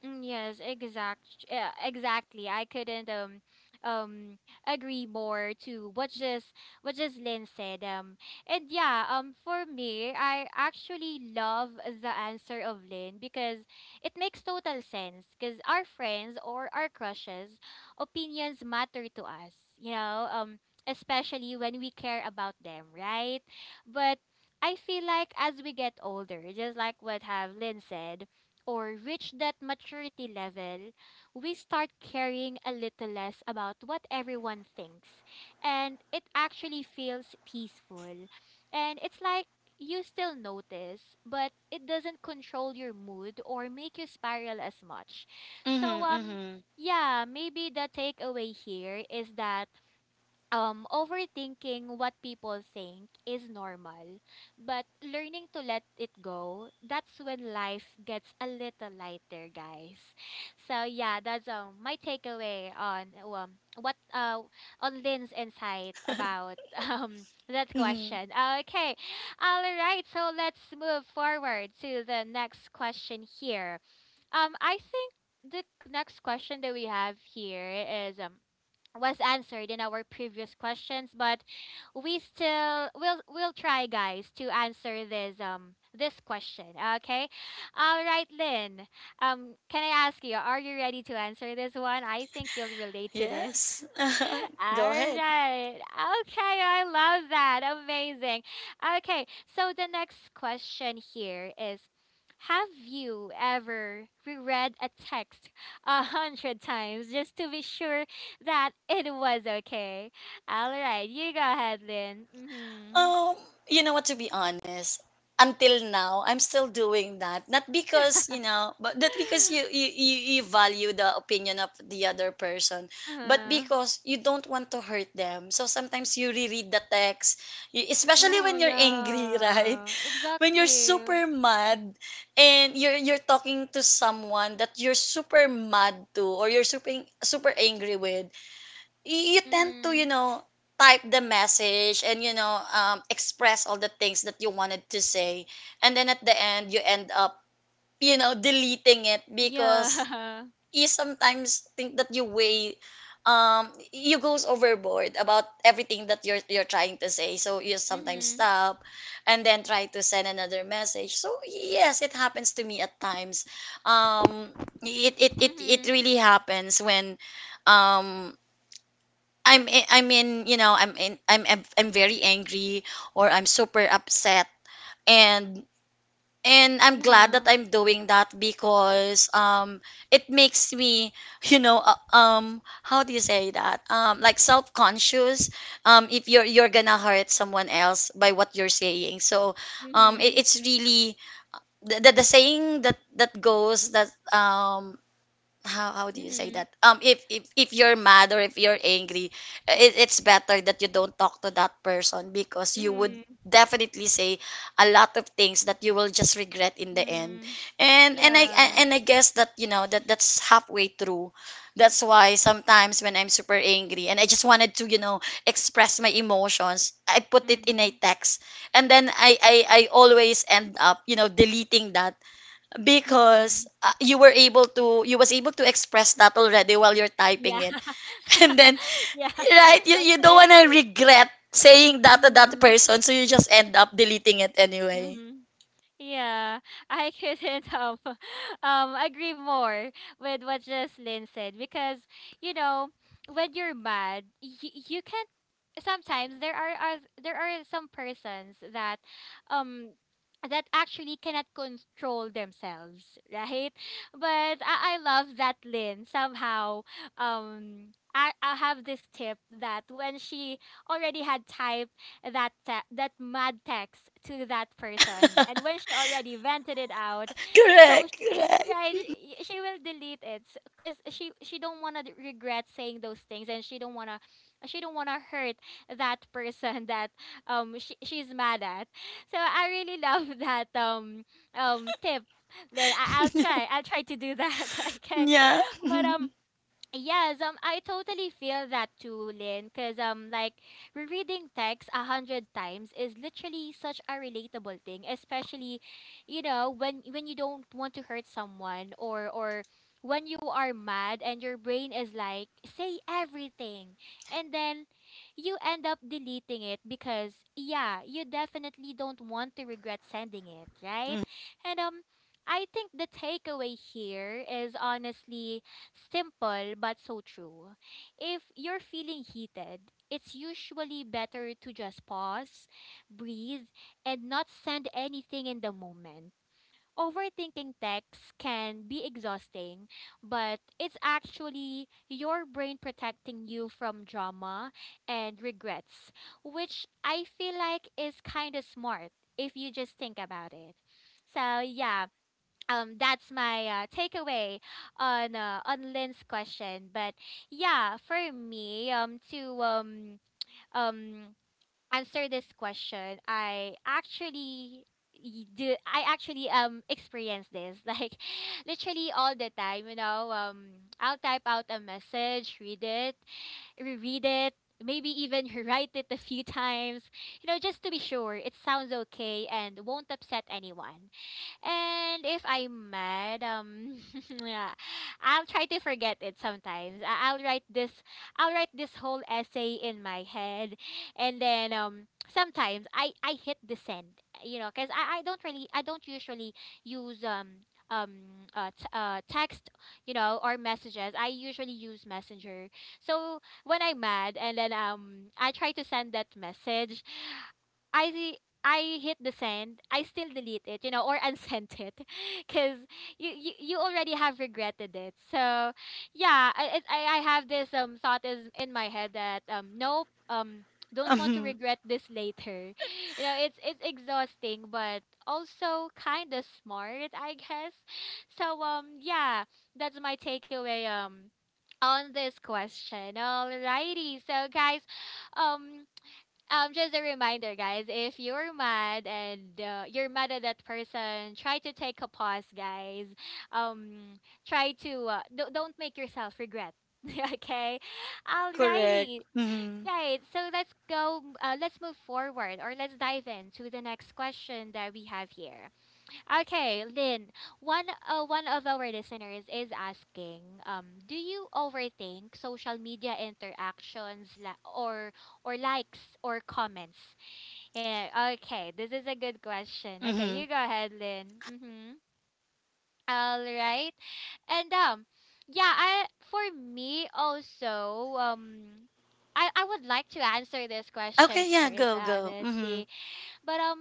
A: Mm, Yes, exact, yeah, exactly. I couldn't um um agree more to what just what just Lynn said. Um and yeah, um for me, I actually love the answer of Lynn because it makes total sense because our friends or our crushes opinions matter to us, you know, um especially when we care about them, right? But I feel like as we get older, just like what have Lynn said, or reach that maturity level, we start caring a little less about what everyone thinks. And it actually feels peaceful. And it's like you still notice, but it doesn't control your mood or make you spiral as much.
B: Mhm,
A: So, um,
B: mhm.
A: yeah, maybe the takeaway here is that um, overthinking what people think is normal, but learning to let it go, that's when life gets a little lighter, guys. So yeah, that's um my takeaway on um what uh on Lynn's insight about um that
B: Mhm.
A: question. Okay, all right. So let's move forward to the next question here. Um, I think the next question that we have here is um was answered in our previous questions but we still will we'll try guys to answer this um this question. Okay, all right, Lynn, um can I ask you, are you ready to answer this one? I think you'll relate to this.
B: Yes.
A: All
B: Go ahead.
A: right, okay, I love that, amazing. Okay, so the next question here is, have you ever reread a text a hundred times just to be sure that it was okay. All right, you go ahead, Lynn. Mm-hmm.
B: Um, you know what, to be honest, until now I'm still doing that. Not because, you know, but not because you you you you value the opinion of the other person, but
A: Uh,
B: because you don't want to hurt them. So sometimes you reread the text, you, especially
A: oh,
B: when you're angry, right?
A: yeah.
B: When you're
A: Exactly.
B: super mad, and you're you're talking to someone that you're super mad to, or you're super super angry with, y- you tend to,
A: Mm-hmm.
B: you know, type the message, and you know, um, express all the things that you wanted to say, and then at the end you end up, you know, deleting it, because
A: Yeah.
B: you sometimes think that you weigh, um you goes overboard about everything that you're you're trying to say, so you sometimes
A: Mm-hmm.
B: stop and then try to send another message. So yes, it happens to me at times. Um it it it, it
A: Mm-hmm.
B: really happens when, um I'm i- I'm in, you know, I'm in, I'm I'm, I'm very angry, or I'm super upset. and and I'm glad that
A: Uh-huh.
B: I'm doing that, because um it makes me you know, uh, um how do you say that, um like self conscious, um if you're, you're gonna hurt someone else by what you're saying. So um
A: Mm-hmm.
B: it, it's really the, the the saying that that goes that, um how how do you say
A: Mm-hmm.
B: that, um if if, if you're mad or if you're angry, it, it's better that you don't talk to that person, because you would
A: Mm-hmm.
B: definitely say a lot of things that you will just regret in the end.
A: Mm-hmm.
B: and and I,
A: Yeah.
B: and I guess that, you know, that that's halfway through. That's why sometimes when I'm super angry and I just wanted to, you know, express my emotions, I put it in a
A: Mm-hmm.
B: text, and then i i, I always end up, you know, deleting that,
A: Mm-hmm.
B: because uh, you were able to, you was able to express that already while you're typing
A: Yeah.
B: it. And then,
A: Yeah.
B: right, you, you don't
A: Okay.
B: want to regret saying that to that
A: Mm-hmm.
B: person, so you just end up deleting it anyway.
A: Mm-hmm. Yeah, I couldn't um, um agree more with what Jocelyn said because you know when you're mad, y- you can't. Sometimes there are oth- there are some persons that um that actually cannot control themselves, right? But I, I love that Lynn somehow um. I, I have this tip that when she already had time that te- that mad text to that person, and when she already vented it out, so
B: Correct,
A: she,
B: correct.
A: right, y- she will delete it because she she don't wanna regret saying those things, and she don't wanna she don't wanna hurt that person that um she, she's mad at. So I really love that um um tip. Then I, I'll try I'll try to do that. Okay,
B: Yeah.
A: but um yes, um, I totally feel that too, Lynn. Cause um, like rereading text a hundred times is literally such a relatable thing, especially, you know, when when you don't want to hurt someone or or when you are mad and your brain is like, say everything, and then you end up deleting it because yeah, you definitely don't want to regret sending it, right?
B: Mm-hmm.
A: And um, I think the takeaway here is honestly simple but so true. If you're feeling heated, it's usually better to just pause, breathe, and not send anything in the moment. Overthinking texts can be exhausting, but it's actually your brain protecting you from drama and regrets, which I feel like is kind of smart if you just think about it. So, yeah, um that's my uh, takeaway on uh, on Lynn's question but yeah for me um to um um answer this question I actually y- do I actually um experience this like literally all the time. You know, um I'll type out a message, read it, reread it, maybe even write it a few times, you know, just to be sure it sounds okay and won't upset anyone. And if I'm mad, um, yeah, I'll try to forget it sometimes. I- I'll write this, I'll write this whole essay in my head, and then um, sometimes I I hit the send, you know, cause I I don't really I don't usually use um um uh, t- uh text, you know, or messages. I usually use Messenger. So when I'm mad and then um I try to send that message, I I hit the send, I still delete it, you know, or unsent it, because you, you you already have regretted it. So, yeah, I I, I have this um thought is in my head that um nope, um don't want to regret this later, you know. It's it's exhausting, but also kind of smart, I guess. So um yeah, that's my takeaway um on this question. Alrighty, so guys, um um, just a reminder, guys, if you're mad and uh, you're mad at that person, try to take a pause, guys. Um, Try to uh, do- don't make yourself regret. Okay,
B: Correct.
A: alrighty.
B: Mm-hmm.
A: Right, so let's go. Uh, let's move forward, or let's dive into the next question that we have here. Okay, Lynn, one uh, one of our listeners is asking, um, do you overthink social media interactions la- or or likes or comments? Yeah, okay, this is a good question. Okay, you
B: Mm-hmm.
A: go ahead, Lynn. Mm-hmm. All right. And um yeah, I for me also um I I would like to answer this question
B: Okay, yeah,
A: first,
B: go go. Mm-hmm.
A: honestly. But um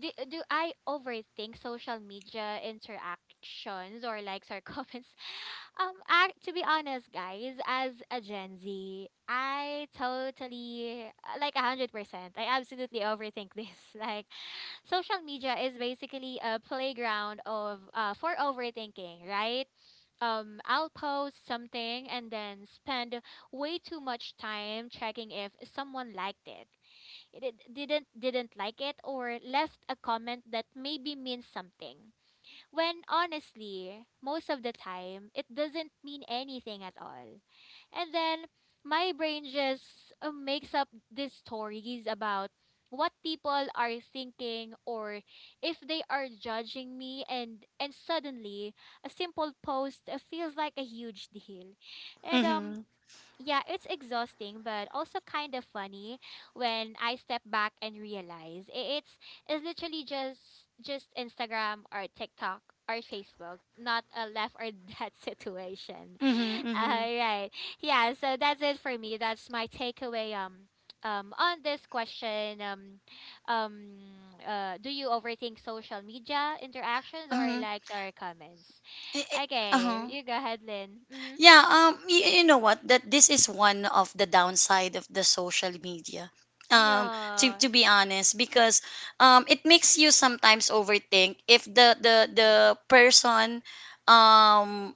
A: do, do I overthink social media interactions or likes or comments? Um, I, to be honest, guys, as a Gen Z, I totally uh, like a hundred percent. I absolutely overthink this. Like, social media is basically a playground of uh for overthinking, right? Um, I'll post something and then spend way too much time checking if someone liked it, did- didn't didn't like it, or left a comment that maybe means something when honestly most of the time it doesn't mean anything at all. And then my brain just uh, makes up these stories about what people are thinking or if they are judging me. And and suddenly a simple post uh, feels like a huge deal. And um
B: Mm-hmm.
A: Yeah, it's exhausting, but also kind of funny when I step back and realize i- it's it's literally just just Instagram or TikTok or Facebook, not a left or dead situation.
B: Mm-hmm.
A: All
B: Mm-hmm.
A: right, yeah. So that's it for me. That's my takeaway. Um, um, on this question, um, um, uh, do you overthink social media interactions or
B: Uh-huh.
A: likes or comments?
B: Eh, eh, uh-huh.
A: Okay, you go ahead, Lynn. Mm-hmm.
B: Yeah, um, y- you know what? That this is one of the downside of the social media. Um, to
A: Yeah.
B: to be honest, because um, it makes you sometimes overthink if the the the person, um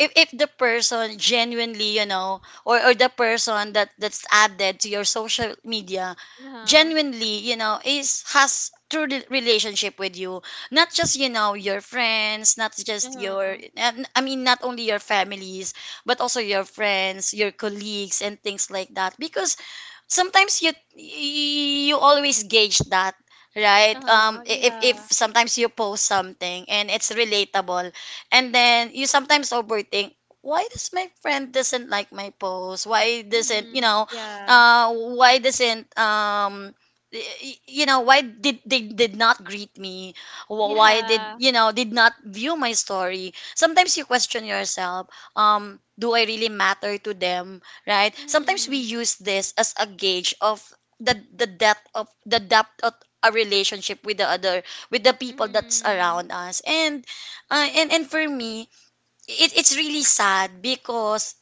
B: if if the person genuinely, you know, or or the person that that's added to your social media
A: Uh-huh.
B: genuinely, you know, is has true re- relationship with you, not just, you know, your friends, not just your
A: Uh-huh.
B: and- I mean not only your families, but also your friends, your colleagues, and things like that, because sometimes you you always gauge that, right? um
A: Uh-huh.
B: i- if if
A: Yeah.
B: sometimes you post something and it's relatable, and then you sometimes overthink, why does my friend doesn't like my post, why doesn't, you
A: Mhm.
B: know,
A: Yeah.
B: uh, why doesn't, um, y- y- you know, why did they did not greet me, Wh- why did,
A: Yeah.
B: you know, did not view my story? Sometimes you question yourself, um, do I really matter to them, right? Sometimes we
A: Mhm.
B: use this as a gauge of the the depth of the depth of a relationship with the other, with the people that's
A: Mhm.
B: around us. And Uh, and and for me, it it's really sad because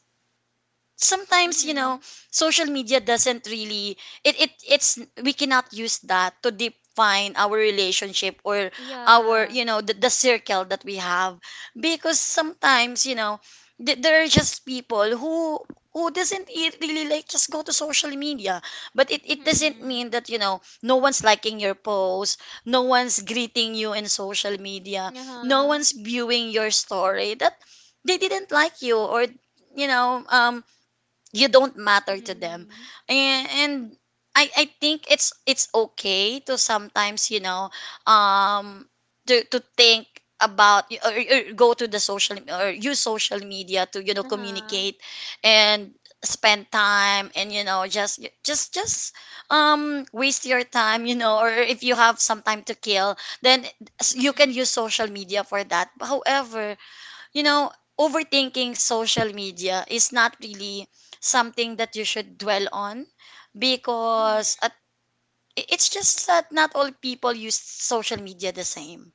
B: sometimes, you know,
A: Mhm.
B: social media doesn't really, it, it it's we cannot use that to define our relationship, or our,
A: Yeah.
B: you know, the, the circle that we have, because sometimes, you know, th- there are just people who who doesn't e- really like just go to social media. But it, it doesn't
A: Mhm.
B: mean that, you know, no one's liking your post, no one's greeting you in social media, no
A: Uh-huh.
B: one's viewing your story, that they didn't like you, or, you know, um, you don't matter to them.
A: Mhm.
B: And, and I, I think it's it's okay to sometimes, you know, um, to, to think about, or, or go to the social, or use social media to, you know,
A: Uh-huh.
B: communicate and spend time, and, you know, just just just um waste your time, you know, or if you have some time to kill, then s- you can
A: Mhm.
B: use social media for that. However, you know, overthinking social media is not really something that you should dwell on,
A: Mhm.
B: because at, i- it's just that not all people use social media the same.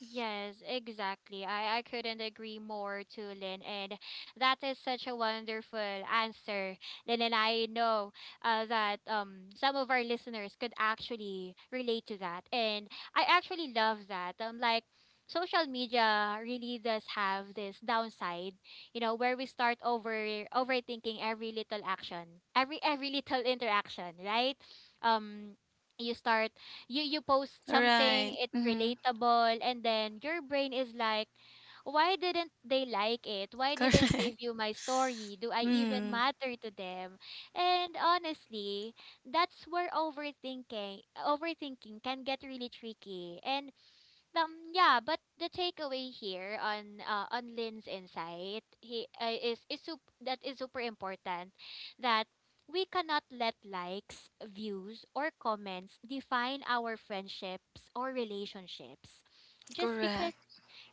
A: Yes, exactly. I, I couldn't agree more to Lynn, and that is such a wonderful answer, Lynn. And I know uh, that um some of our listeners could actually relate to that, and I actually love that. Um, like social media really does have this downside, you know, where we start over overthinking every little action, every every little interaction, right? Um. You start, you you post something,
B: Right.
A: it's
B: Mm-hmm.
A: relatable, and then your brain is like, why didn't they like it? Why
B: Correct.
A: didn't they view my story? Do I even
B: Mm-hmm.
A: matter to them? And honestly, that's where overthinking overthinking can get really tricky. And um yeah, but the takeaway here on uh, on Lynn's insight, he uh, is is sup- that is super important that we cannot let likes, views or comments define our friendships or relationships just because,
B: Correct.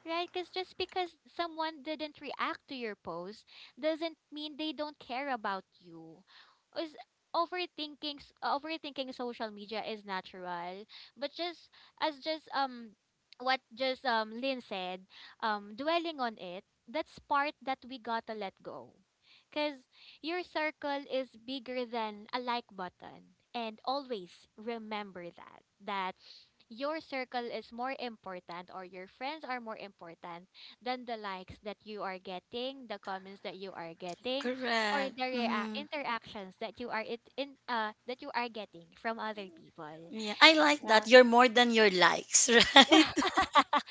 A: right? Because just because someone didn't react to your post doesn't mean they don't care about you. Is overthinking s- Overthinking social media is natural, but just as just um what just um Lynn said, um dwelling on it, that's part that we gotta let go. Cause your circle is bigger than a like button. And always remember that that your circle is more important or your friends are more important than the likes that you are getting, the comments that you are getting, or
B: Correct.
A: the rea-
B: Mm-hmm.
A: interactions that you are it in uh that you are getting from other people.
B: Yeah, I like
A: Yeah.
B: that. You're more than your likes, right?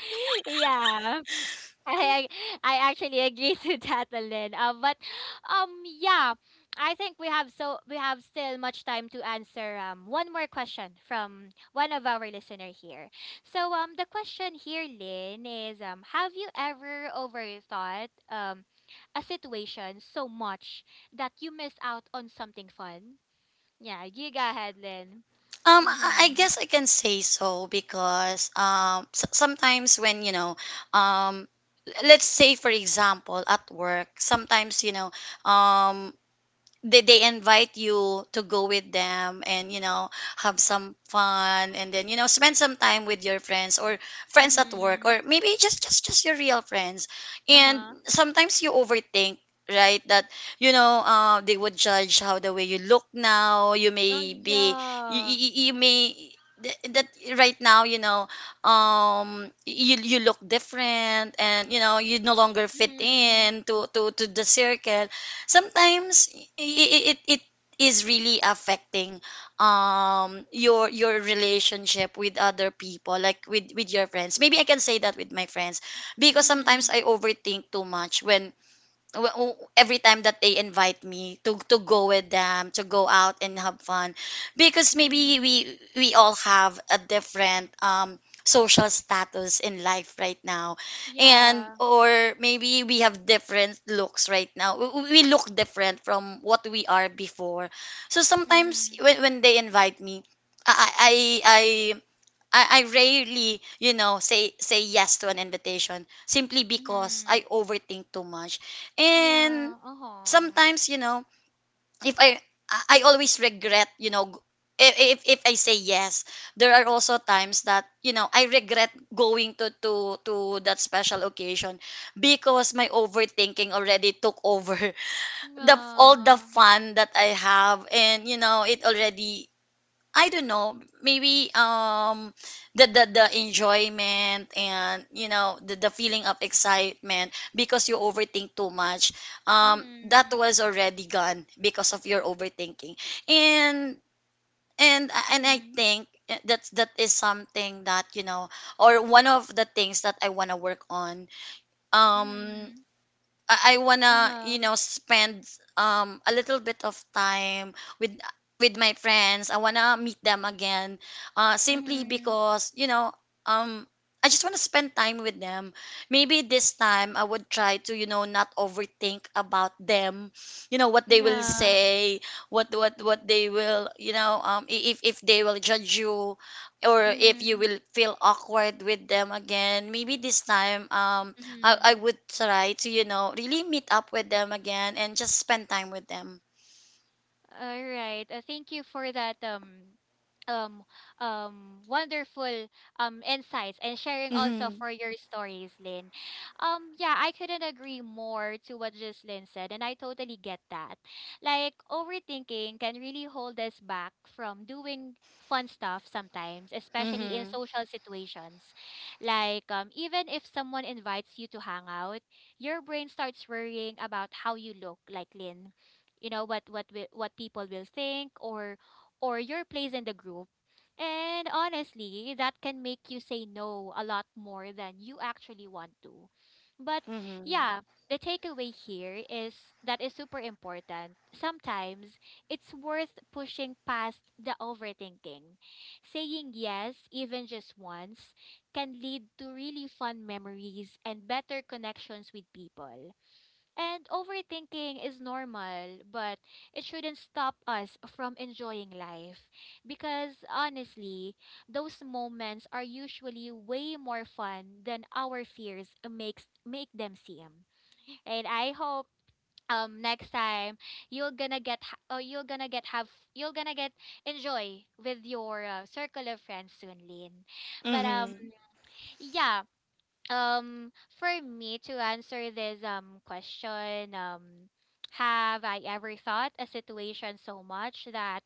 A: yeah. I I actually agree to that, Lynn. Um, but um, yeah, I think we have so we have still much time to answer um one more question from one of our listener here. So um, the question here, Lynn, is um, have you ever overthought um a situation so much that you miss out on something fun? Yeah, you go ahead, Lynn.
B: Um, I I
A: Mhm.
B: guess I can say so because, um, s- sometimes, when you know, um, let's say for example at work, sometimes, you know, um, they, they invite you to go with them and, you know, have some fun, and then, you know, spend some time with your friends, or friends at work,
A: Mhm.
B: or maybe just just just your real friends,
A: Uh
B: and
A: huh.
B: sometimes you overthink, right, that, you know, uh, they would judge how the way you look now. You
A: Oh
B: may be, you, you,
A: yeah.
B: you you may, th- that right now, you know, um, you you look different, and, you know, you no longer fit
A: Mhm.
B: in to to to the circle. Sometimes it, it, it is really affecting, um, your your relationship with other people, like with with your friends. Maybe I can say that with my friends, because sometimes
A: Mhm.
B: I overthink too much when, w- w- every time that they invite me to to go with them, to go out and have fun, because maybe
A: Mhm.
B: we we all have a different, um, social status in life right now, and
A: Yeah.
B: or maybe we have different looks right now. W- we look different from what we are before. So sometimes
A: Mhm.
B: when, when they invite me, I, I I I, I rarely, you know, say say yes to an invitation simply because
A: Mhm.
B: I overthink too much. And
A: Yeah. Uh-huh.
B: sometimes, you know, if I I I always regret, you know, g- if if, if I say yes, there are also times that, you know, I regret going to to to that special occasion, because my overthinking already took over the all the
A: Yeah.
B: fun that I have, and, you know, it already, I don't know, maybe, um, the the, the enjoyment, and, you know, the, the feeling of excitement, because you overthink too much. Um, that was
A: Mhm.
B: already gone because of your overthinking. And and uh, and I
A: Mhm.
B: think that's that is something that, you know, or one of the things that I want to work on. Um,
A: Mhm.
B: I, I wanna,
A: Uh-huh.
B: you know, spend um a little bit of time with with my friends. I wanna meet them again, uh, simply
A: Mhm.
B: because, you know, um, I just wanna spend time with them. Maybe this time I would try to, you know, not overthink about them, you know what they will
A: Yeah.
B: say, what what what they will, you know, um i- if if they will judge you, or if you
A: Mhm.
B: will feel awkward with them again. Maybe this time, um, I, I
A: Mhm.
B: would try to, you know, really meet up with them again and just spend time with them.
A: All right. Uh, thank you for that um um um wonderful um insights and sharing also
B: Mm-hmm.
A: for your stories, Lynn. Um yeah, I couldn't agree more to what just Lynn said, and I totally get that. Like overthinking can really hold us back from doing fun stuff sometimes, especially in
B: Mm-hmm.
A: social situations. Like um even if someone invites you to hang out, your brain starts worrying about how you look, like Lynn, you know, what what will, what people will think, or or your place in the group. And honestly, that can make you say no a lot more than you actually want to. But
B: Mm-hmm.
A: yeah, the takeaway here is that is super important. Sometimes it's worth pushing past the overthinking, saying yes even just once can lead to really fun memories and better connections with people. And overthinking is normal, but it shouldn't stop us from enjoying life. Because honestly, those moments are usually way more fun than our fears makes make them seem. And I hope um next time you're gonna get ha- oh, you're gonna get have you're gonna get enjoy with your uh, circle of friends soon, Lynn. But um
B: Mm-hmm.
A: yeah, um for me to answer this um question, um have I ever thought a situation so much that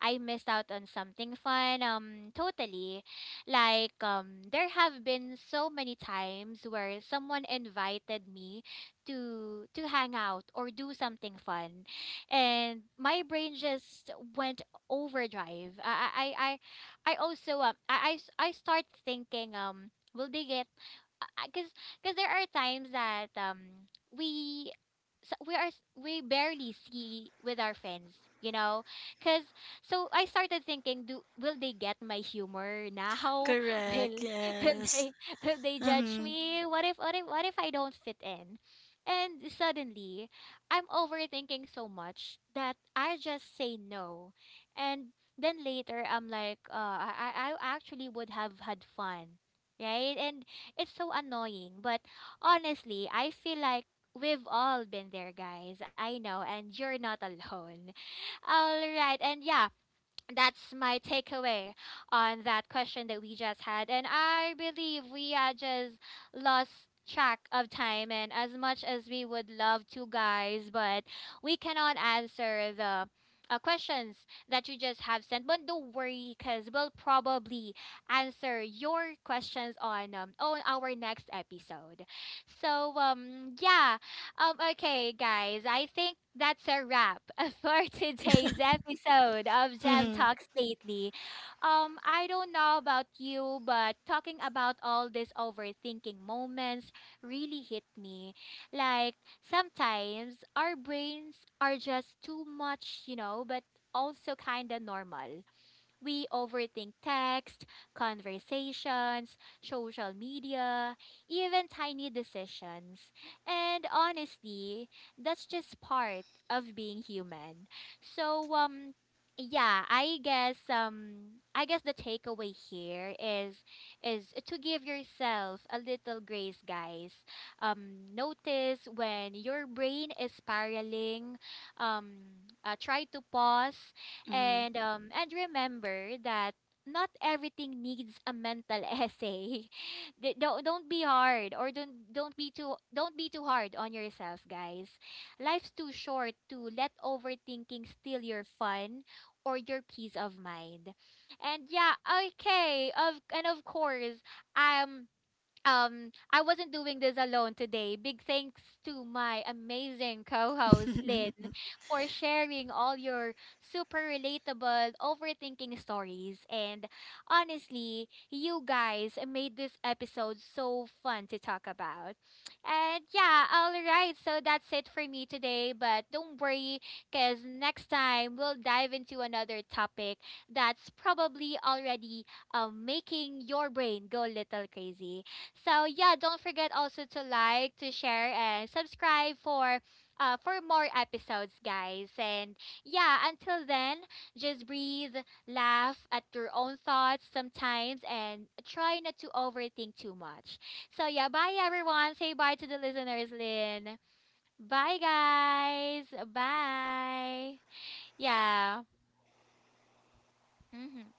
A: I missed out on something fun. Um, totally. Like, um, there have been so many times where someone invited me to to hang out or do something fun, and my brain just went overdrive. I I I, I I also um I I s- I start thinking, um will they get, because because there are times that um we, so we are s- we barely see with our friends, you know, because, so I started thinking, do will they get my humor now?
B: Correct.
A: will will
B: Yes.
A: they will they judge
B: Mm-hmm.
A: me? What if what if what if I don't fit in? And suddenly I'm overthinking so much that I just say no. And then later I'm like, uh, i i I actually would have had fun, right? And it's so annoying, but honestly I feel like we've all been there, guys. I know, and you're not alone. All right, and yeah, that's my takeaway on that question that we just had. And I believe we uh, just lost track of time, and as much as we would love to, guys, but we cannot answer the uh, questions that you just have sent. But don't worry, because we'll probably answer your questions on, um, on our next episode. So, um, yeah um, okay, guys, I think that's a wrap for today's episode of Jam
B: Mm-hmm.
A: Talks Lately. Um, I don't know about you, but talking about all these overthinking moments really hit me. Like, sometimes our brains are just too much, you know, but also kind of normal. We overthink text, conversations, social media, even tiny decisions. And honestly, that's just part of being human. So, um, yeah, I guess um I guess the takeaway here is is to give yourself a little grace, guys. Um notice when your brain is spiraling, um uh, try to pause and um and remember that not everything needs a mental essay. D- don't don't be hard, or don't don't be too don't be too hard on yourself, guys. Life's too short to let overthinking steal your fun or your peace of mind. And yeah, okay. Of and of course, um um, I wasn't doing this alone today. Big thanks to my amazing co host,
B: Mm-hmm.
A: Lynn, for sharing all your super relatable overthinking stories. And honestly, you guys made this episode so fun to talk about. And yeah, all right. So that's it for me today. But don't worry, because next time we'll dive into another topic that's probably already um, making your brain go a little crazy. So yeah, don't forget also to like, to share, and subscribe for uh for more episodes, guys. And yeah, until then, just breathe, laugh at your own thoughts sometimes, and try not to overthink too much. So yeah, bye everyone. Say bye to the listeners, Lynn. Bye guys. Bye. Yeah. Mm-hmm.